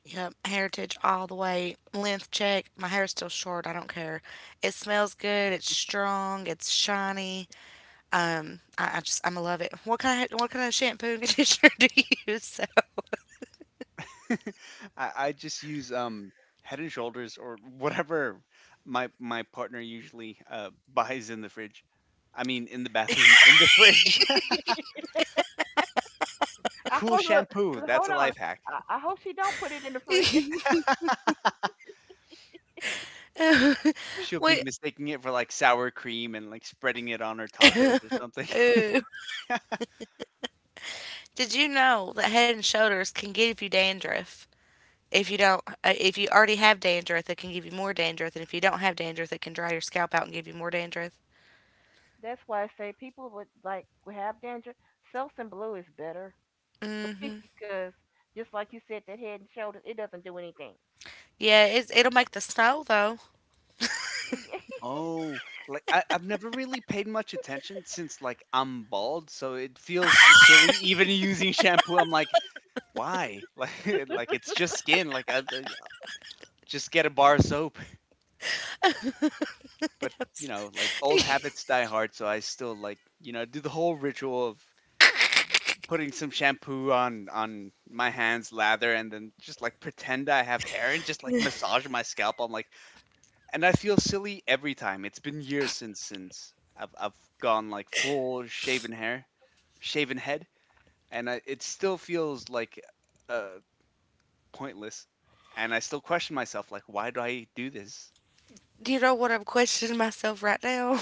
Speaker 1: Yep, heritage all the way. Length check. My hair's still short. I don't care. It smells good. It's strong. It's shiny. I just I'm a love it. What kind of shampoo and conditioner [LAUGHS] do you use?
Speaker 2: [LAUGHS] I just use head and shoulders or whatever my partner usually [LAUGHS] buys in the fridge in the bathroom [LAUGHS] in the fridge [LAUGHS]
Speaker 3: I
Speaker 2: cool
Speaker 3: hope look,
Speaker 2: shampoo
Speaker 3: look, hold
Speaker 2: that's a
Speaker 3: on.
Speaker 2: life hack
Speaker 3: I hope she don't put it in the fridge. [LAUGHS]
Speaker 1: [LAUGHS]
Speaker 2: [LAUGHS]
Speaker 1: [LAUGHS]
Speaker 2: she'll be
Speaker 1: Wait.
Speaker 2: mistaking it for like sour cream and like spreading it on her tacos
Speaker 1: [LAUGHS]
Speaker 2: or something
Speaker 1: Ooh.
Speaker 2: [LAUGHS]
Speaker 1: Did you know that Head and Shoulders can give you dandruff? If you don't, if you already have dandruff, it can give you more dandruff, and if you don't have dandruff, it can dry your scalp out and give you more dandruff.
Speaker 3: That's why I say people would like who have dandruff, Selsun Blue is better [LAUGHS]
Speaker 1: Hmm.
Speaker 3: because just like you said, that Head and Shoulders it doesn't do anything.
Speaker 1: Yeah, it's, it'll make the snow though. [LAUGHS]
Speaker 3: [LAUGHS]
Speaker 2: Oh, like I've never really paid much attention since like I'm bald, so it feels silly even [LAUGHS] using shampoo. I'm like, why? [LAUGHS] Like it's just skin. Like, I- just get a bar of soap. But you know, like old habits die hard, so I still like you know do the whole ritual of putting some shampoo on my hands, lather, and then just like pretend I have hair and just like massage my scalp. I'm like, and I feel silly every time. It's been years since I've gone like full shaven hair, shaven head, and I, it still feels like uh pointless. And I still question myself, like, why do I do this?
Speaker 1: Do you know what I'm questioning myself right now?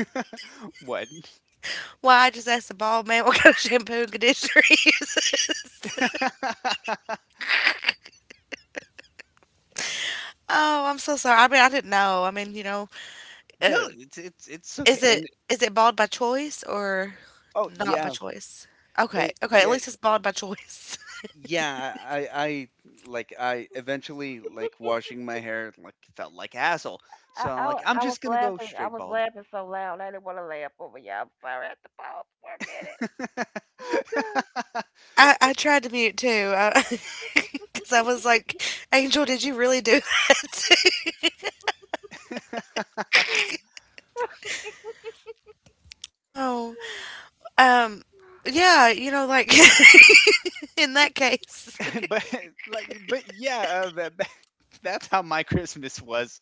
Speaker 2: [LAUGHS] what? [LAUGHS]
Speaker 1: [LAUGHS] Why I just asked the bald man [LAUGHS] what kind of shampoo and conditioner he uses. [LAUGHS]
Speaker 2: no,
Speaker 1: Oh, I'm so sorry. I mean, I didn't know. I mean, you know, uh,
Speaker 2: it's okay.
Speaker 1: is it
Speaker 2: And
Speaker 1: is it bald by choice or?
Speaker 2: oh
Speaker 1: Not by
Speaker 2: yeah,
Speaker 1: choice. Okay,
Speaker 2: it,
Speaker 1: okay, at
Speaker 2: yeah,
Speaker 1: least it's bald by choice.
Speaker 2: yeah. I like I eventually like washing my hair like felt like asshole. So I'm like, I'm just gonna go
Speaker 3: I
Speaker 2: straight
Speaker 3: was
Speaker 2: bald.
Speaker 3: laughing so loud I didn't want to laugh over you. I'm sorry. I had to pause for a minute. Oh God.
Speaker 2: [LAUGHS]
Speaker 1: [LAUGHS] I tried to mute too, because [LAUGHS] I was like, Angel, did you really do that? [LAUGHS] oh,
Speaker 3: [SIGHS]
Speaker 1: um, yeah, you know, like [LAUGHS] in that case,
Speaker 2: But yeah that's how my Christmas was.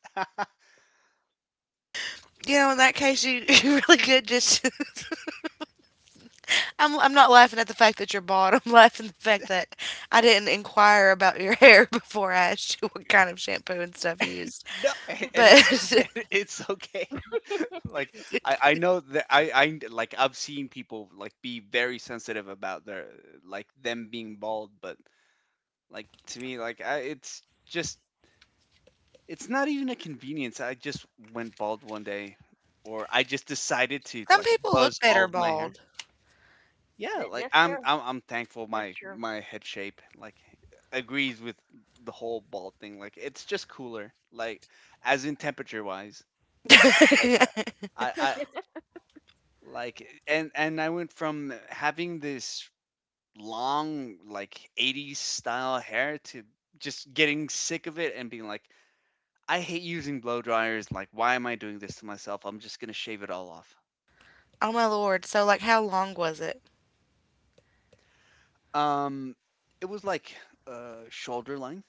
Speaker 1: you know, in that case, you, [LAUGHS] you really could just. [LAUGHS] I'm not laughing at the fact that you're bald. I'm laughing at the fact that I didn't inquire about your [LAUGHS] hair before I asked you what kind of shampoo and stuff you
Speaker 2: [LAUGHS]
Speaker 1: used.
Speaker 2: no, and
Speaker 1: But
Speaker 2: [LAUGHS]
Speaker 1: [LAUGHS]
Speaker 2: it's okay. Like I know that I like I've seen people like be very sensitive about their like them being bald, but like to me it's just it's not even a convenience. I just went bald one day, or I just decided to
Speaker 1: some
Speaker 2: like
Speaker 1: people look
Speaker 2: buzz all
Speaker 1: better
Speaker 2: of my hair.
Speaker 1: bald.
Speaker 2: Yeah, like
Speaker 3: That's
Speaker 2: I'm
Speaker 3: true.
Speaker 2: I'm I'm thankful
Speaker 3: That's
Speaker 2: my
Speaker 3: true.
Speaker 2: my head shape like agrees with the whole bald thing. Like it's just cooler, like as in temperature wise. Like
Speaker 1: [LAUGHS]
Speaker 2: I like and I went from having this long like 80s style hair to just getting sick of it and being like I hate using blow dryers. Like why am I doing this to myself? I'm just going to shave it all off.
Speaker 1: Oh my lord. So like how long was it?
Speaker 2: Um, it was like shoulder length.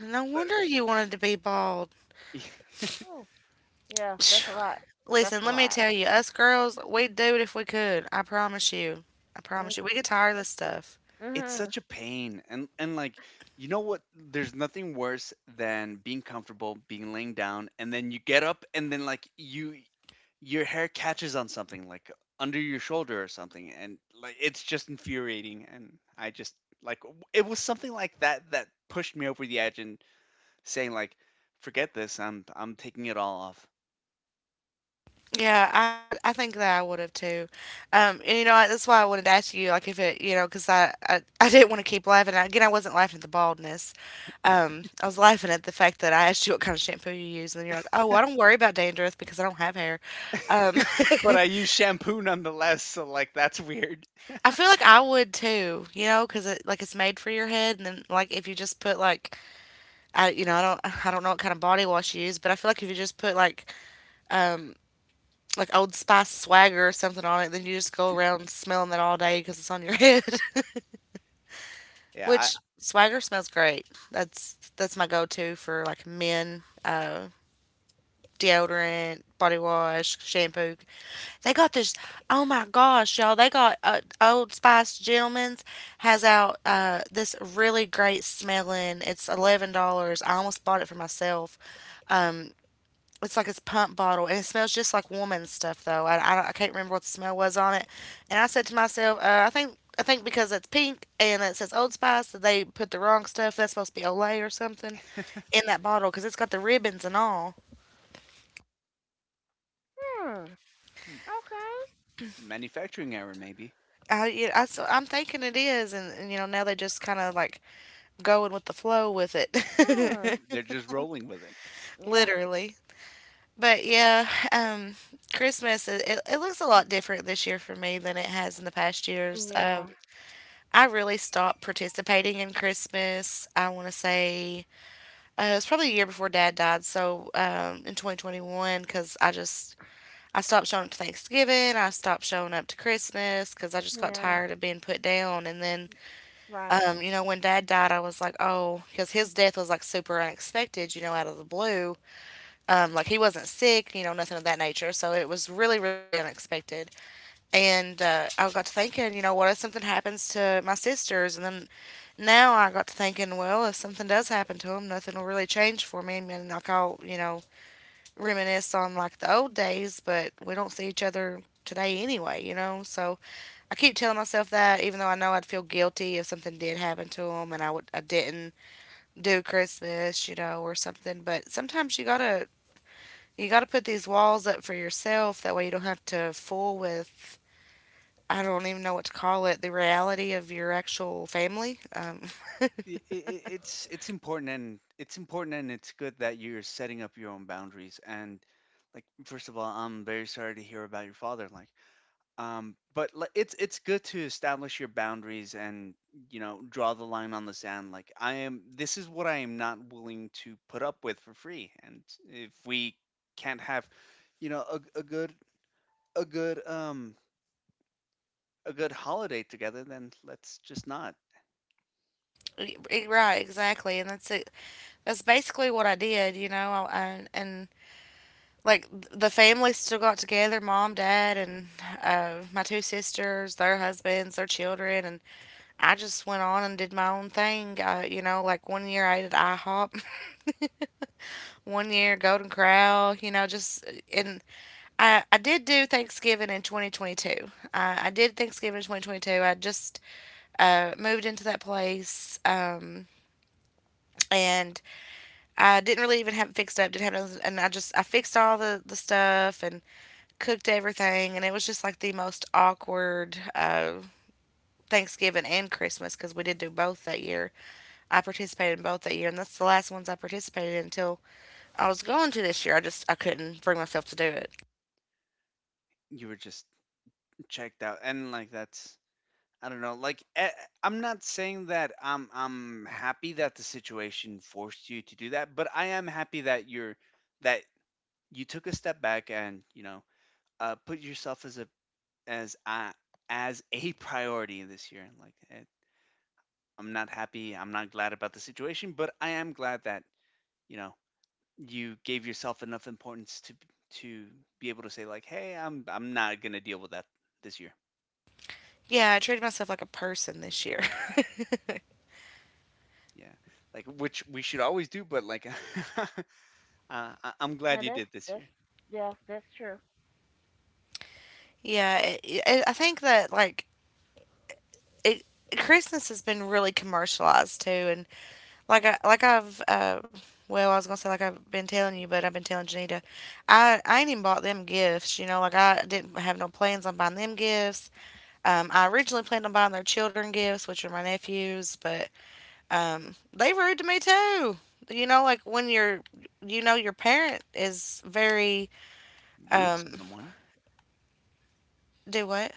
Speaker 1: No
Speaker 2: But
Speaker 1: wonder you wanted to be bald.
Speaker 2: [LAUGHS]
Speaker 3: Oh yeah,
Speaker 1: [SIGHS]
Speaker 3: that's
Speaker 1: Phew.
Speaker 3: a lot. That's
Speaker 1: Listen,
Speaker 3: a
Speaker 1: let me
Speaker 3: lot.
Speaker 1: tell you, us girls, we'd do it if we could. I promise you. I
Speaker 3: Mm.
Speaker 1: promise you. We get tired of this stuff.
Speaker 2: it's
Speaker 3: Mhm.
Speaker 2: such a pain, and like, you know what, there's nothing worse than being comfortable being laying down and then you get up and then like your hair catches on something like under your shoulder or something, and like it's just infuriating. And I just it was something like that that pushed me over the edge and saying like forget this, I'm taking it all off.
Speaker 1: Yeah, I think that I would have too. And you know, that's why I wanted to ask you, like, if it, you know, because I didn't want to keep laughing. Again, I wasn't laughing at the baldness. I was laughing at the fact that I asked you what kind of shampoo you use, and then you're like, oh, well, I don't worry about dandruff because I don't have hair. Um, [LAUGHS]
Speaker 2: [LAUGHS] but I use shampoo nonetheless, so like that's [LAUGHS] weird.
Speaker 1: I feel like I would too, you know, because it like it's made for your head, and then like if you just put like I you know I don't know what kind of body wash you use, but I feel like if you just put like Old Spice Swagger or something on it, then you just go around smelling it all day because it's on your [LAUGHS] head.
Speaker 2: Yeah,
Speaker 1: Which Swagger smells great. That's my go-to for like men deodorant, body wash, shampoo. They got this. Oh my gosh, y'all! They got Old Spice Gentleman's has out this really great smelling. It's $11. I almost bought it for myself. Um, it's like this pump bottle, and it smells just like woman's stuff though. I can't remember what the smell was on it, and I said to myself, I think because it's pink and it says Old Spice that they put the wrong stuff. That's supposed to be Olay or something in that bottle because it's got the ribbons and all.
Speaker 3: Hmm. Okay.
Speaker 2: [LAUGHS] manufacturing error maybe.
Speaker 1: I, you know, I, so I'm thinking it is, and you know now they just kind of like going with the flow with it,
Speaker 3: Hmm.
Speaker 2: They're just rolling with it.
Speaker 1: [LAUGHS]
Speaker 3: Yeah.
Speaker 1: literally. But yeah, um, Christmas it it looks a lot
Speaker 3: [SIGHS]
Speaker 1: different this year for me than it has in the past years.
Speaker 3: Yeah.
Speaker 1: I really stopped participating in Christmas. I want to say it was probably a year before Dad died, so in 2021, because I just I stopped showing up to Thanksgiving. I stopped showing up to Christmas because I just got
Speaker 3: Yeah.
Speaker 1: tired of being put down, and then
Speaker 3: Right.
Speaker 1: You know, when dad died, I was like, oh, because his death was like super unexpected, you know, out of the blue. Like he wasn't sick, you know, nothing of that nature. So it was really, really unexpected. And I got to thinking, you know, what if something happens to my sisters? And then now I got to thinking, well, if something does happen to them, nothing will really change for me. I mean, like I'll, you know, reminisce on like the old days, but we don't see each other today anyway, you know? So I keep telling myself that, even though I know I'd feel guilty if something did happen to him and I didn't do Christmas, you know, or something. But sometimes you gotta put these walls up for yourself. That way you don't have to fool with, I don't even know what to call it, the reality of your actual family.
Speaker 2: It's important, and it's important, and it's good that you're setting up your own boundaries. And like first of all, I'm very sorry to hear about your father. Like um, but like it's good to establish your boundaries, and you know, draw the line on the sand. Like I am, this is what I am not willing to put up with for free. And if we can't have, you know, a good, a good um, a good holiday together, then let's just not.
Speaker 1: [LAUGHS] Right, exactly, and that's it. That's basically what I did, you know. I and like The family still got together, mom, dad, and my two sisters, their husbands, their children, and I just went on and did my own thing. You know, like one year I ate at IHOP, [LAUGHS] one year Golden Corral, you know. I did do Thanksgiving in 2022. I just moved into that place, and I didn't really even have it fixed up, didn't have nothing, and I fixed all the stuff and cooked everything, and it was just like the most awkward Thanksgiving and Christmas, because we did do both that year. I participated in both that year, and that's the last ones I participated in until I was going to this year. I couldn't bring myself to do it.
Speaker 2: You were just checked out, and like that's, I don't know. Like I'm not saying that I'm happy that the situation forced you to do that, but I am happy that that you took a step back, and you know, put yourself as a as a [LAUGHS] priority this year. Like I'm not happy. I'm not glad about the situation, but I am glad that, you know, you gave yourself enough importance to be able to say like, hey, I'm not gonna deal with that this year.
Speaker 1: Yeah, I treated myself like a person this year. [LAUGHS]
Speaker 2: Yeah, like which we should always do, but like, [LAUGHS] I'm glad
Speaker 3: Now
Speaker 2: you did this year.
Speaker 3: that's yeah, that's true.
Speaker 1: I think that it, Christmas has been really commercialized too, and like I like I've uh I was gonna say like I've been telling you, but I've been telling Janita, I ain't even bought them gifts. You know, like I didn't have no plans on buying them gifts. I originally planned on buying their children gifts, which are my nephews, but they rude to me too. You know, like when you're, you know, your parent is very,
Speaker 2: Rude to someone.
Speaker 1: do what?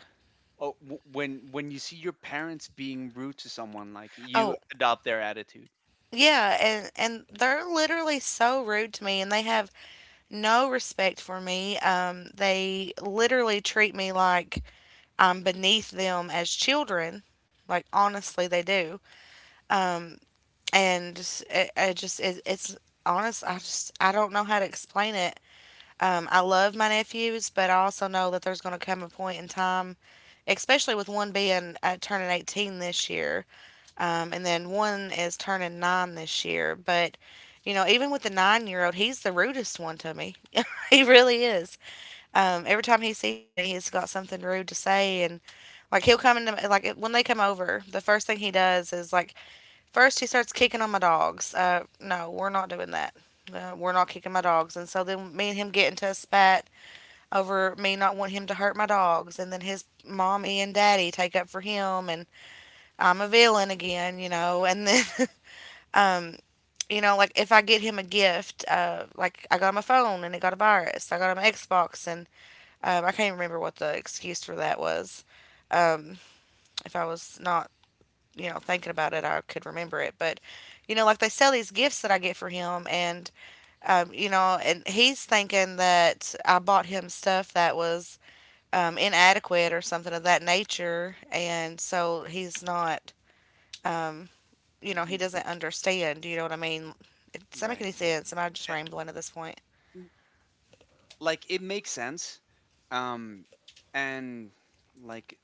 Speaker 2: Oh, when you see your parents being rude to someone, like you
Speaker 1: Oh.
Speaker 2: adopt their attitude.
Speaker 1: Yeah, and they're literally so rude to me and they have no respect for me. They literally treat me like beneath them as children. Like honestly, they do, and it just it, it's honest. I don't know how to explain it. I love my nephews, but I also know that there's going to come a point in time, especially with one being turning 18 this year, and then one is turning 9 this year. But you know, even with the 9 year old, he's the rudest one to me. [LAUGHS] He really is. Every time he sees me, he's got something rude to say, and like he'll come into my- like when they come over, the first thing he does is like first he starts kicking on my dogs. No, we're not doing that. We're not kicking my dogs. And so then me and him get into a spat over me not wanting him to hurt my dogs, and then his mommy and daddy take up for him, and I'm a villain again, you know. And then [LAUGHS] um, you know, like if I get him a gift, like I got him a phone and it got a virus. I got him an Xbox, and I can't even remember what the excuse for that was. Um, if I was not, you know, thinking about it, I could remember it. But, you know, like they sell these gifts that I get for him, and, you know, and he's thinking that I bought him stuff that was inadequate or something of that nature. And so he's not, um, you know, he
Speaker 2: Mm,
Speaker 1: doesn't understand. You know what I mean? It doesn't make
Speaker 2: right.
Speaker 1: any sense. Am I just
Speaker 2: A-
Speaker 1: rambling at this point?
Speaker 2: n- Like it makes sense. Um, and like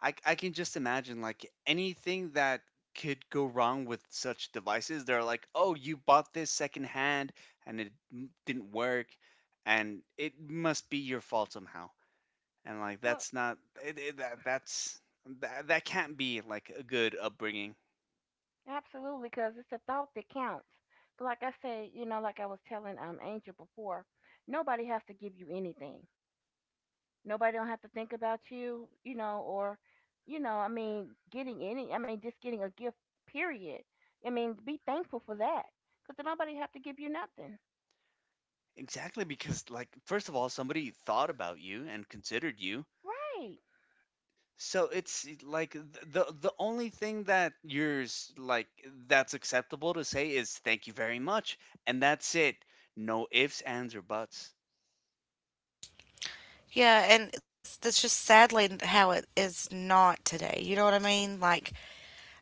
Speaker 2: I can just imagine like anything that could go wrong with such devices. They're like, oh, you bought this secondhand and didn't work, and it must be your fault somehow. And like
Speaker 3: Well,
Speaker 2: that's not, that that can't be like a good upbringing.
Speaker 3: absolutely, because it's a thought that counts. But like I say, you know, like I was telling Angel before, nobody has to give you anything. Nobody don't have to think about you, you know, or you know, I mean, getting any, I mean, just getting a gift, period. I mean, be thankful for that, because nobody have to give you nothing.
Speaker 2: Exactly, because like first of all, somebody thought about you and considered you.
Speaker 3: Right.
Speaker 2: So it's like the only thing that you yours like, that's acceptable to say is thank you very much, and that's it. No ifs, ands, or buts.
Speaker 1: Yeah, and that's just sadly how it is not today. You know what I mean? Like,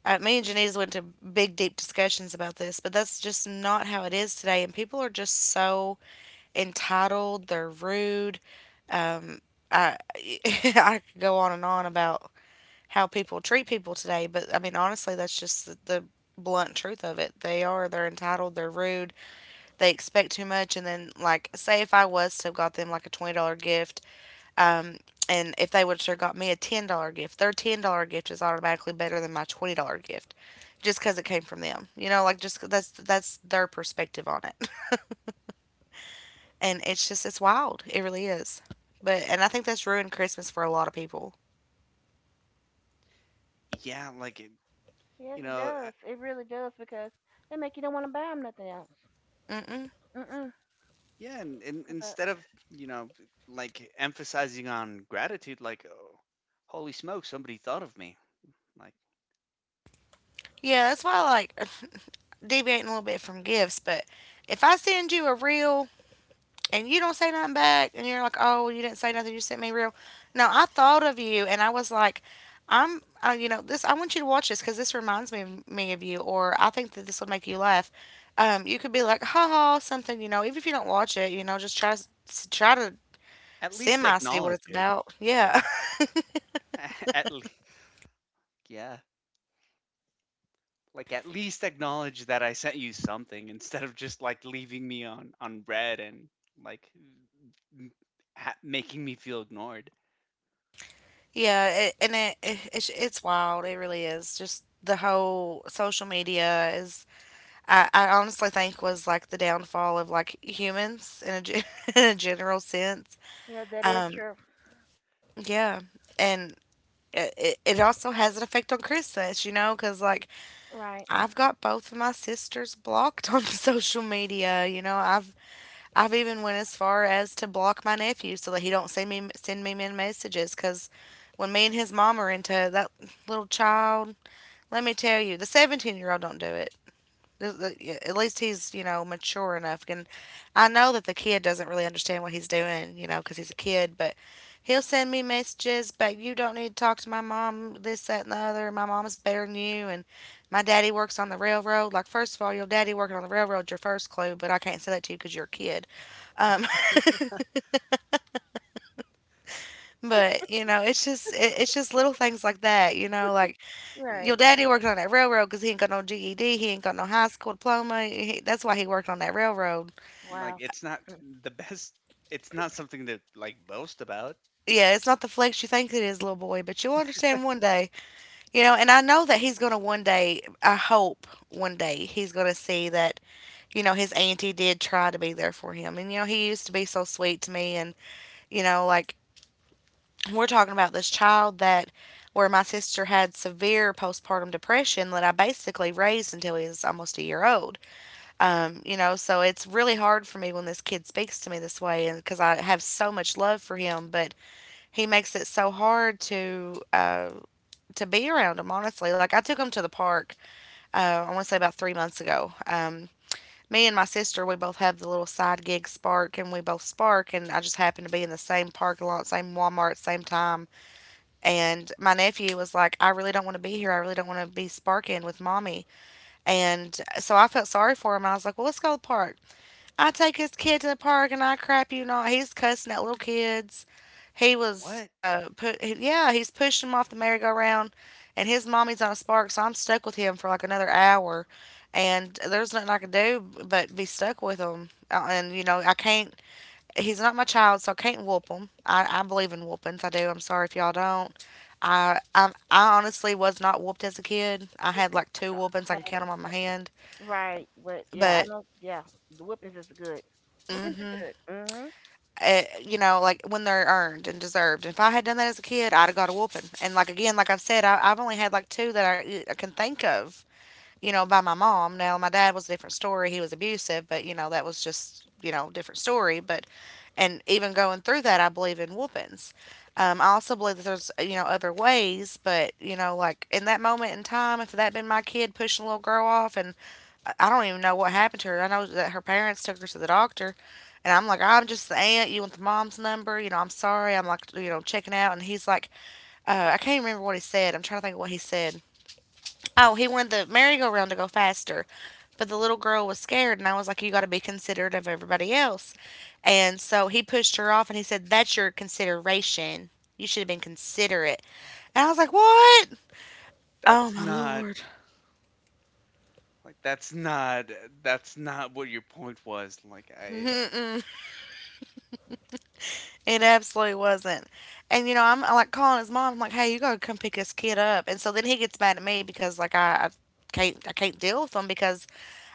Speaker 1: Me and Janice went to big, deep discussions about this, but that's just not how it is today. And people are just so entitled. They're rude. Um, I [LAUGHS] I could go on and on about how people treat people today, but I mean, honestly, that's just the blunt truth of it. They are. They're entitled. They're rude. They expect too much. And then, like, say if I was to have got them like a $20 gift, um, and if they would have got me a $10 gift, their $10 gift is automatically better than my $20 gift just because it came from them. You know, like just that's their perspective on it. [LAUGHS] And it's just it's wild. It really is. But and I think that's ruined Christmas for a lot of people.
Speaker 2: Yeah,
Speaker 3: Yes,
Speaker 2: you
Speaker 3: it
Speaker 2: know
Speaker 3: does. It really does because they make you don't want to buy them nothing else.
Speaker 1: Mm-mm.
Speaker 3: Mm-mm.
Speaker 2: yeah. And
Speaker 3: Cause I,
Speaker 2: instead of, you know, like emphasizing on gratitude, like oh, holy smoke, somebody thought of me, like,
Speaker 1: Yeah, that's why I like [SIGHS] deviating a little bit from gifts. But if I send you a real and you don't say nothing back and you're like, oh, you didn't say nothing, you sent me real, no, I thought of you and I was like, I'm you know, this, I want you to watch this because this reminds me of you, or I think that this would make you laugh. You could be like ha ha something, you know, even if you don't watch it, you know, just try to
Speaker 2: at least
Speaker 1: semi see what
Speaker 2: acknowledge
Speaker 1: it's
Speaker 2: it.
Speaker 1: about,
Speaker 2: Yeah.
Speaker 1: yeah.
Speaker 2: [LAUGHS] At least, yeah. Like at least acknowledge that I sent you something instead of just like leaving me on red, and like m- making me feel ignored.
Speaker 1: [LAUGHS] Yeah, it, and it, it it's wild, it really is. Just the whole social media is, I honestly think was like the downfall of like humans in a, gen- [LAUGHS] in a general sense.
Speaker 3: yeah, that is true.
Speaker 1: Yeah. And it also has an effect on Christmas, you know, because like
Speaker 3: Right.
Speaker 1: I've got both of my sisters blocked on [LAUGHS] social media. I've even went as far as to block my nephew so that he don't send me men messages. Because when me and his mom are into that little child, let me tell you, the 17 year old don't do it. Yeah, at least he's, you know, mature enough. And I know that the kid doesn't really understand what he's doing, you know, because he's a kid, but he'll send me messages, but you don't need to talk to my mom, this, that, and the other. My mom's better than you. And my daddy works on the railroad. Like, first of all, your daddy working on the railroad's your first clue, but I can't say that to you because you're a kid. Um, [LAUGHS] but you know it's just it's just little things like that, you know, like your
Speaker 3: Right.
Speaker 1: daddy worked on that railroad because he ain't got no GED. He ain't got no high school diploma. He, that's why he worked on that railroad.
Speaker 2: Like
Speaker 3: Wow.
Speaker 2: it's not the best. It's not something to like boast about.
Speaker 1: Yeah, it's not the flex you think it is, little boy, but you'll understand one day. You know, and I know that he's going to one day, I hope one day, he's going to see that, you know, his auntie did try to be there for him. And, you know, he used to be so sweet to me. And, you know, like, we're talking about this child that where my sister had severe postpartum depression that I basically raised until he was almost a year old. You know, so it's really hard for me when this kid speaks to me this way, and because I have so much love for him, but he makes it so hard to be around him. Honestly, like I took him to the park. I want to say about 3 months ago. Me and my sister, we both have the little side gig Spark, and we both Spark, and I just happened to be in the same parking lot, same Walmart, same time. And my nephew was like, "I really don't want to be here. I really don't want to be sparking with mommy." And so I felt sorry for him. I was like, "Well, let's go to the park." I take his kid to the park and I crap you not. He's cussing at little kids. He was,
Speaker 2: What?
Speaker 1: yeah, he's pushing him off the merry-go-round, and his mommy's on a spark, so I'm stuck with him for like another hour, and there's nothing I can do but be stuck with him. And you know, I can't. He's not my child, so I can't whoop him. I believe in whoopings. I do. I'm sorry if y'all don't. I honestly was not whooped as a kid. I had like two
Speaker 3: I,
Speaker 1: whoopings. I
Speaker 3: I,
Speaker 1: can count them on my hand.
Speaker 3: right. But yeah, I
Speaker 1: But
Speaker 3: know. Yeah, the whippings is good. Whippings
Speaker 1: hmm,
Speaker 3: are good. Mm-hmm.
Speaker 1: you know, like when they're earned and deserved. If I had done that as a kid, I'd have got a whooping. And like again, like I've said, I've only had like two that I can think of by my mom. Now, my dad was a different story. He was abusive, but, you know, that was just, you know, different story. And even going through that, I believe in whoopings. I also believe that there's, you know, other ways, but, you know, like in that moment in time, if that had been my kid pushing a little girl off. And I don't even know what happened to her. I know that her parents took her to the doctor, and I'm like, I'm just the aunt. You want the mom's number? You know, I'm sorry. I'm like, you know, checking out, and he's like, I can't remember what he said. I'm trying to think of what he said. Oh, he wanted the merry-go-round to go faster, but the little girl was scared, and I was like, "You got to be considerate of everybody else." And so he pushed her off, and he said, "That's your consideration. You should have been considerate." And I was like, "What? Oh
Speaker 2: That's
Speaker 1: my
Speaker 2: not,
Speaker 1: lord!"
Speaker 2: like that's not, that's not what your point was. Like I
Speaker 1: It
Speaker 2: like
Speaker 1: absolutely wasn't. And you know, I'm like calling his mom. I'm like, "Hey, you gotta come pick this kid up." And so then he gets mad at me because like I can't deal with him because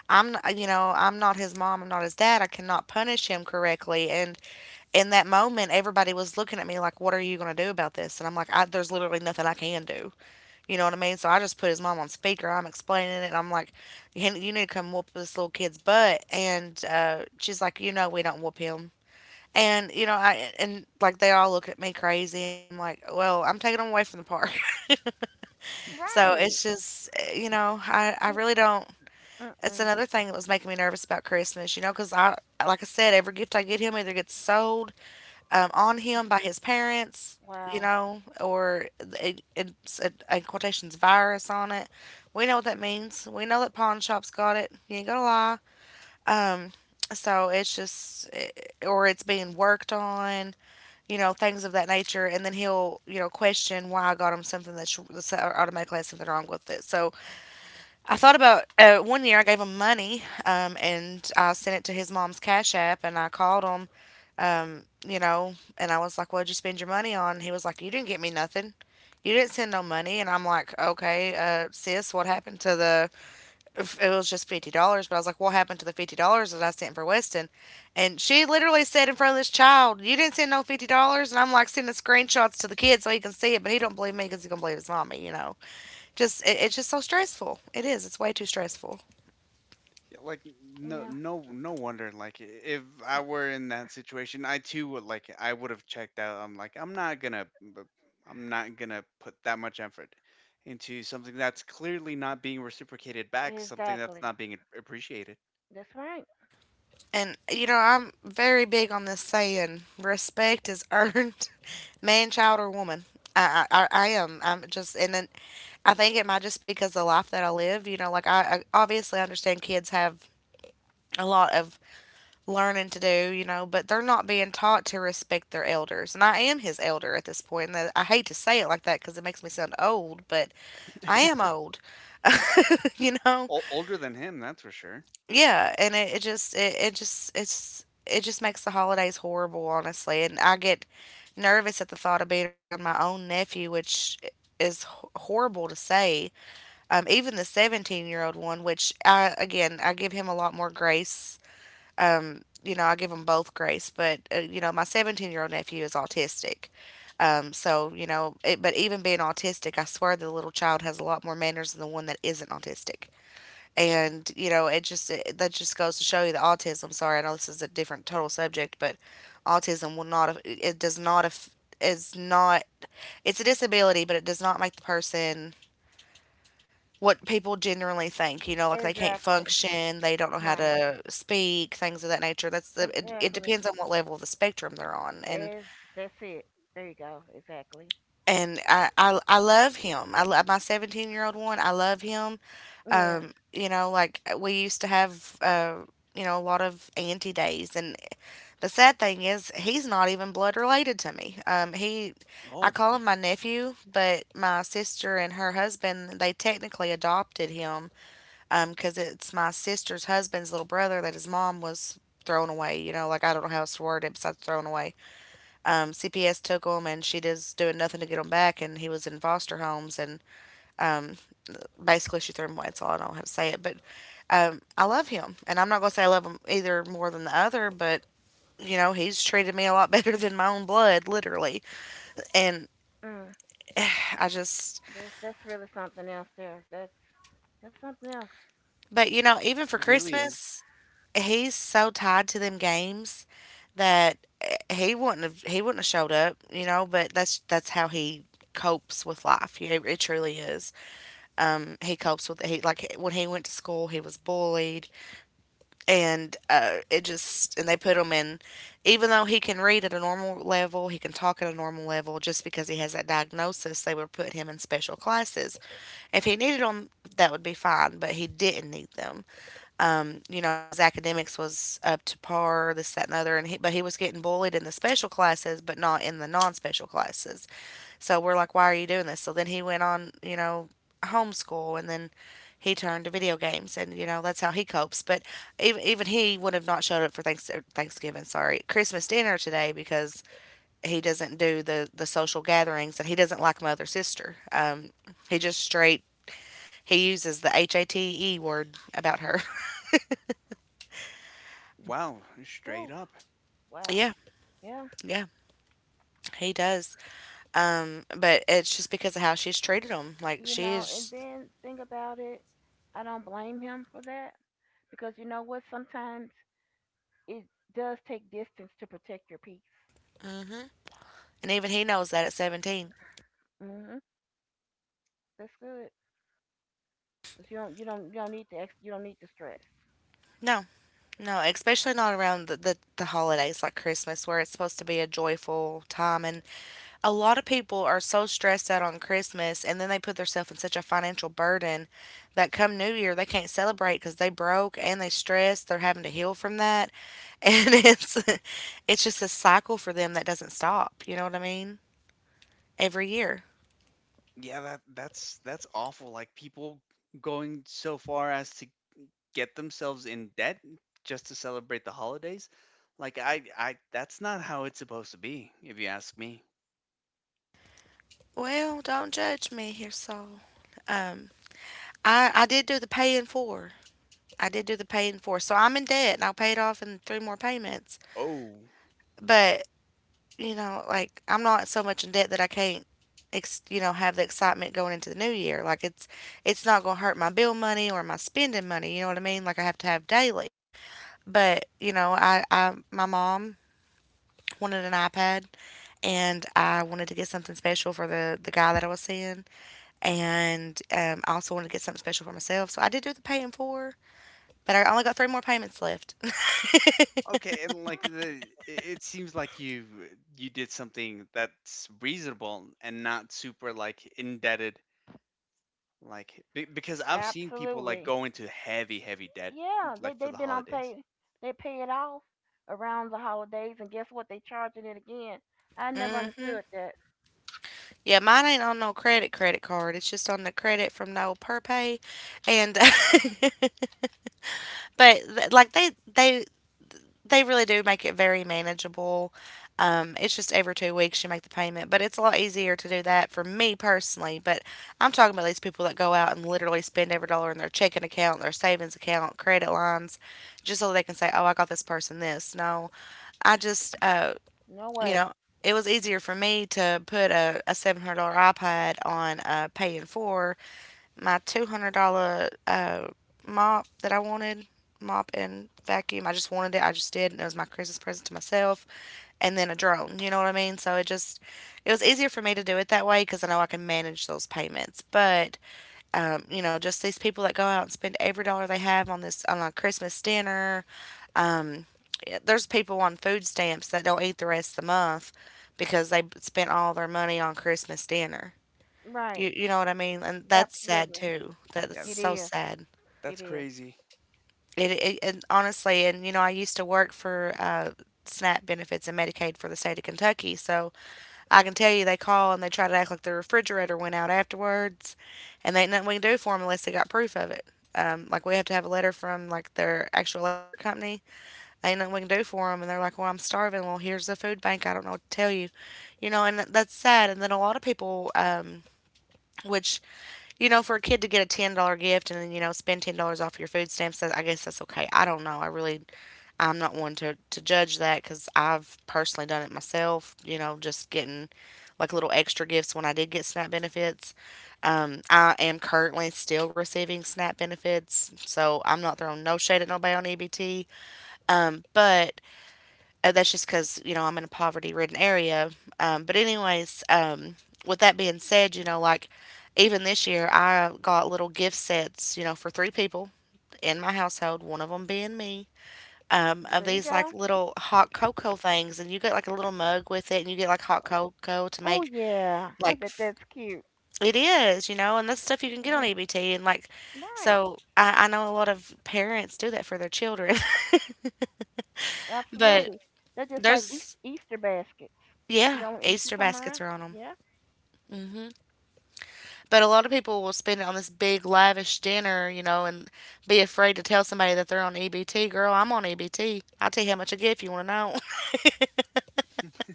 Speaker 1: I'm, you know, I'm not his mom. I'm not his dad. I cannot punish him correctly. And in that moment, everybody was looking at me like, "What are you gonna do about this?" And I'm like, I, "There's literally nothing I can do." You know what I mean? So I just put his mom on speaker. I'm explaining it. And I'm like, "You need to come whoop this little kid's butt." And she's like, "You know, we don't whoop him." And you know, I and like they all look at me crazy, and I'm like, "Well, I'm taking him away from the park." [LAUGHS] So it's
Speaker 3: Right.
Speaker 1: just, eh, you know, I
Speaker 3: Y-
Speaker 1: really don't. It's
Speaker 3: Mm-mm.
Speaker 1: another thing that was making me nervous about Christmas, you know, because I, like I said, every gift I get him either gets sold, on him by his parents, you
Speaker 3: Wow.
Speaker 1: know, or it's a, in quotations, virus on it. We know what that means. We know that pawn shops got it. You ain't gonna lie. Um, so it's just, eh, or it's being worked on, you know, things of that nature, and then he'll, you know, question why I got him something that's automatically has something wrong with it. So I thought about one year I gave him money, and I sent it to his mom's Cash App, and I called him, you know, and I was like, "What'd you spend your money on?" He was like, "You didn't get me nothing. You didn't send no money." And I'm like, "Okay, sis, what happened to the." If it was just $50. But I was like, "What happened to the $50 that I sent for Weston?" And she literally said in front of this child, "You didn't send no $50." And I'm like, sending screenshots to the kid so he can see it. But he don't believe me because he can believe his mommy, you know. Just, it's just so stressful. It is. It's way too stressful.
Speaker 2: yeah. Like no,
Speaker 3: Yeah.
Speaker 2: no, no wonder. Like if I were in that situation, I too would like, I would have checked out. I'm like, I'm not gonna put that much effort into something that's clearly not being reciprocated back, something that's
Speaker 3: Exactly.
Speaker 2: not being appreciated.
Speaker 3: That's right.
Speaker 1: And you know, I'm very big on this saying: respect is earned, [LAUGHS] man, child, or woman. I am. I'm just, and then I think it might just because the life that I live. You know, like I obviously understand kids have a lot of learning to do. You know, but they're not being taught to respect their elders, and I am his elder at this point. And that- I hate to say it like that because it makes me sound old, but I am old. [LAUGHS] You know,
Speaker 2: O- older than him, that's for sure.
Speaker 1: yeah, and it, it just it's it just makes the holidays horrible, honestly. And I get nervous at the thought of being around my own nephew, which is horrible to say. Even the 17-year-old one, which I, again, I give him a lot more grace. You know, I give them both grace, but you know, my 17-year-old nephew is autistic. So, you know, but even being autistic, I swear the little child has a lot more manners than the one that isn't autistic. And you know, that just goes to show you that autism, sorry, I know this is a different total subject, but autism will not af- it does not af- is not it's a disability, but it does not make the person what people generally think. You know, like they can't
Speaker 3: Exactly.
Speaker 1: function, they don't know how
Speaker 3: Right.
Speaker 1: to speak, things of that nature. That's the, it
Speaker 3: Exactly.
Speaker 1: depends on what level of the spectrum they're on. And
Speaker 3: Is that's it. There you go. Exactly.
Speaker 1: I love him. I love my 17-year-old one. I love him.
Speaker 3: Yeah.
Speaker 1: You know, like we used to have, you know, a lot of auntie days. And the sad thing is, he's not even blood related to me. I
Speaker 2: Oh,
Speaker 1: call him my nephew, but my sister and her husband, they technically adopted him, because it's my sister's husband's little brother that his mom was thrown away. You know, like I don't know how else to word it besides thrown away. CPS took him, and she just doing nothing to get him back, and he was in foster homes, and basically she threw him away. That's all I don't have to say it. But I love him, and I'm not gonna say I love him either more than the other, but you know, he's treated me a lot [LAUGHS] better than my own blood, literally. And
Speaker 3: Mm.
Speaker 1: I just,
Speaker 3: That's really something else there. That's something else.
Speaker 1: but you know, even for
Speaker 2: it really is.
Speaker 1: Christmas, he's so tied to them games that, eh, he wouldn't have showed up, you know. But that's how he copes with life. You know, it truly is. He copes with he like when he went to school, he was bullied. And it just, and they put him in, even though he can read at a normal level, he can talk at a normal level, just because he has that diagnosis, they would put him in special classes. If he needed them, that would be fine, but he didn't need them. You know, his academics was up to par, this, that, and the other, and he was getting bullied in the special classes, but not in the non-special classes. So we're like, why are you doing this? So then he went on, you know, homeschool, and then he turned to video games, and you know, that's how he copes. But even he would have not showed up for Thanksgiving, sorry, Christmas dinner today because he doesn't do the social gatherings, and he doesn't like mother sister. He just straight, he uses the HATE word about her.
Speaker 2: Wow,
Speaker 3: Whew.
Speaker 2: straight up.
Speaker 1: [LAUGHS]
Speaker 3: Wow.
Speaker 1: Yeah,
Speaker 3: Yeah.
Speaker 1: yeah. He does. But it's just because of how she's treated him. Like
Speaker 3: You
Speaker 1: she
Speaker 3: know, and
Speaker 1: is,
Speaker 3: then think about it. I don't blame him for that because you know what? Sometimes it does take distance to protect your peace.
Speaker 1: mhm. And even he knows that at 17.
Speaker 3: Mhm. That's good. 'Cause you don't need to you don't need to stress.
Speaker 1: No, no, especially not around the holidays like Christmas, where it's supposed to be a joyful time. And a lot of people are so stressed out on Christmas, and then they put themselves in such a financial burden that come New Year, they can't celebrate because they broke and they stressed. They're having to heal from that. [LAUGHS] And it's just a cycle for them that doesn't stop. You know what I mean? Every year.
Speaker 2: Yeah, that that's awful. Like people going so far as to get themselves in debt just to celebrate the holidays. Like I that's not how it's supposed to be, if you ask me.
Speaker 1: Well, don't judge me here, Saul. Um, I did do the paying for. I did do the paying for. So I'm in debt, and I'll pay it off in three more payments.
Speaker 2: Oh.
Speaker 1: But you know, like I'm not so much in debt that I can't, you know, have the excitement going into the new year. Like it's not gonna hurt my bill money or my spending money. You know what I mean? Like I have to have daily. But you know, I my mom wanted an iPad, and I wanted to get something special for the guy that I was seeing. And I also wanted to get something special for myself. So I did do the pay in four, but I only got three more payments left. [LAUGHS]
Speaker 2: Okay, and like
Speaker 3: Mhm.
Speaker 2: the it it seems like you did something that's reasonable and not super like indebted, like because I've seen people like
Speaker 3: Absolutely.
Speaker 2: go into heavy heavy debt
Speaker 3: Yeah. They
Speaker 2: like for
Speaker 3: they've
Speaker 2: the
Speaker 3: been on
Speaker 2: holidays.
Speaker 3: pay. They pay it off around the holidays, and guess what? They charging it again. I never
Speaker 1: Hmm.
Speaker 3: understood that.
Speaker 1: Yeah, mine ain't on no credit card. It's just on the credit from no per pay, and [LAUGHS] but like they really do make it very manageable. It's just every 2 weeks you make the payment, but it's a lot easier to do that for me personally. But I'm talking about these people that go out and literally spend every dollar in their checking account, their savings account, credit lines, just so they can say, "Oh, I got this person this." No, I just
Speaker 3: No
Speaker 1: you
Speaker 3: way.
Speaker 1: know, it was easier for me to put a $700 iPad on paying for my $200 mop that I wanted, mop and vacuum. I just wanted it. I just did, and it was my Christmas present to myself. And then a drone. You know what I mean? So it was easier for me to do it that way because I know I can manage those payments. But just these people that go out and spend every dollar they have on this on a Christmas dinner. Um, eh, there's people on food stamps that don't eat the rest of the month because they spent all their money on Christmas dinner.
Speaker 3: Right.
Speaker 1: You know what I mean? And that's sad
Speaker 3: Absolutely.
Speaker 1: too. That's
Speaker 2: Yeah,
Speaker 3: It
Speaker 1: so
Speaker 3: is.
Speaker 1: sad.
Speaker 3: It
Speaker 2: that's
Speaker 3: is.
Speaker 2: crazy.
Speaker 1: It and honestly, I used to work for SNAP benefits and Medicaid for the state of Kentucky, so I can tell you they call and they try to act like the refrigerator went out afterwards, and they ain't nothing we can do for them unless they got proof of it. Like we have to have a letter from like their actual electric company ain't nothing we can do for them. And they're like, well, I'm starving. Well, here's the food bank. I don't know what to tell you. And that's sad. And then a lot of people, which, for a kid to get a $10 gift and then, spend $10 off your food stamps, that- I guess that's okay. I don't know. I'm not one to judge that because I've personally done it myself, just getting like little extra gifts when I did get SNAP benefits. I am currently still receiving SNAP benefits, so I'm not throwing no shade at nobody on EBT. But that's just because, I'm in a poverty ridden area. But anyways, with that being said, like even this year, I got little gift sets, for three people in my household, one of them being me, of
Speaker 3: There you
Speaker 1: these like
Speaker 3: go.
Speaker 1: little hot cocoa things. And you get like a little mug with it and you get like hot cocoa to
Speaker 3: Oh
Speaker 1: make
Speaker 3: yeah. I
Speaker 1: like
Speaker 3: bet
Speaker 1: f-
Speaker 3: that's cute.
Speaker 1: it is, and that's stuff you can get on
Speaker 3: Yeah.
Speaker 1: EBT. And like,
Speaker 3: Right.
Speaker 1: so I know a lot of parents do that for their children, [LAUGHS] but
Speaker 3: Absolutely. They're just like
Speaker 1: there's,
Speaker 3: Easter baskets. You
Speaker 1: yeah,
Speaker 3: know when Easter
Speaker 1: Easter
Speaker 3: come
Speaker 1: baskets
Speaker 3: around?
Speaker 1: are on them.
Speaker 3: Yeah.
Speaker 1: But a lot of people will spend it on this big lavish dinner, and be afraid to tell somebody that they're on EBT. Girl, I'm on EBT. I'll tell you how much I get if you want to know.
Speaker 2: [LAUGHS]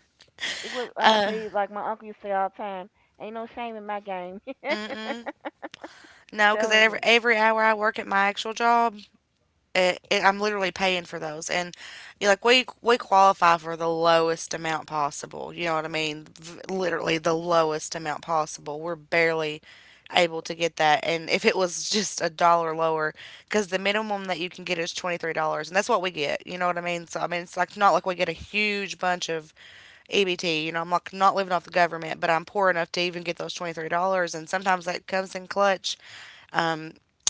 Speaker 3: Y- It was, I'm gonna tell you like my uncle used to say all the time. Ain't no shame in my game. [LAUGHS]
Speaker 1: [LAUGHS] No, because
Speaker 3: Telling
Speaker 1: every
Speaker 3: you.
Speaker 1: every hour I work at my actual job, I'm literally paying for those. And you're like, we qualify for the lowest amount possible. You know what I mean? Literally the lowest amount possible. We're barely able to get that. And if it was [LAUGHS] just a dollar lower, because the minimum that you can get is $23, and that's what we get. You know what I mean? So I mean, it's like not like we get a huge bunch of EBT. I'm like not living off the government, but I'm poor enough to even get those $23, and sometimes that comes in clutch.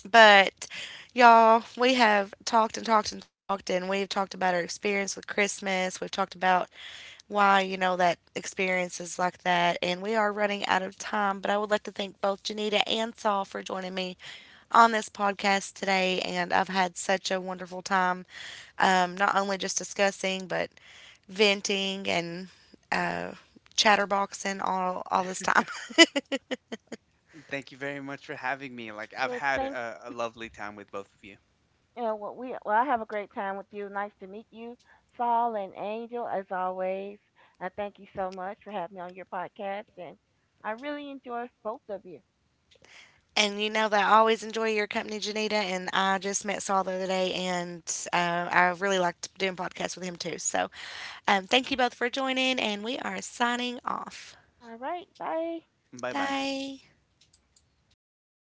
Speaker 1: But y'all, we have talked and talked and talked, and we've talked about our experience with Christmas. We've talked about why, that experience is like that. And we are running out of time, but I would like to thank both Janita and Saul for joining me on this podcast today. And I've had such a wonderful time, not only just discussing, but venting and uh, chatterboxing all this time. [LAUGHS]
Speaker 2: Thank you very much for having me. Like I've
Speaker 3: Yeah.
Speaker 2: had
Speaker 3: Thanks.
Speaker 2: a lovely time with both of you.
Speaker 3: You know what we. Well, I have a great time with you. Nice to meet you, Saul and Angel, as always. I thank you so much for having me on your podcast, and I really enjoy both of you.
Speaker 1: And you know that I always enjoy your company, Janita. And I just met Saul the other day, and I really liked doing podcasts with him too. So thank you both for joining, and we are signing off.
Speaker 3: All right. Bye.
Speaker 2: Bye bye.
Speaker 1: Bye.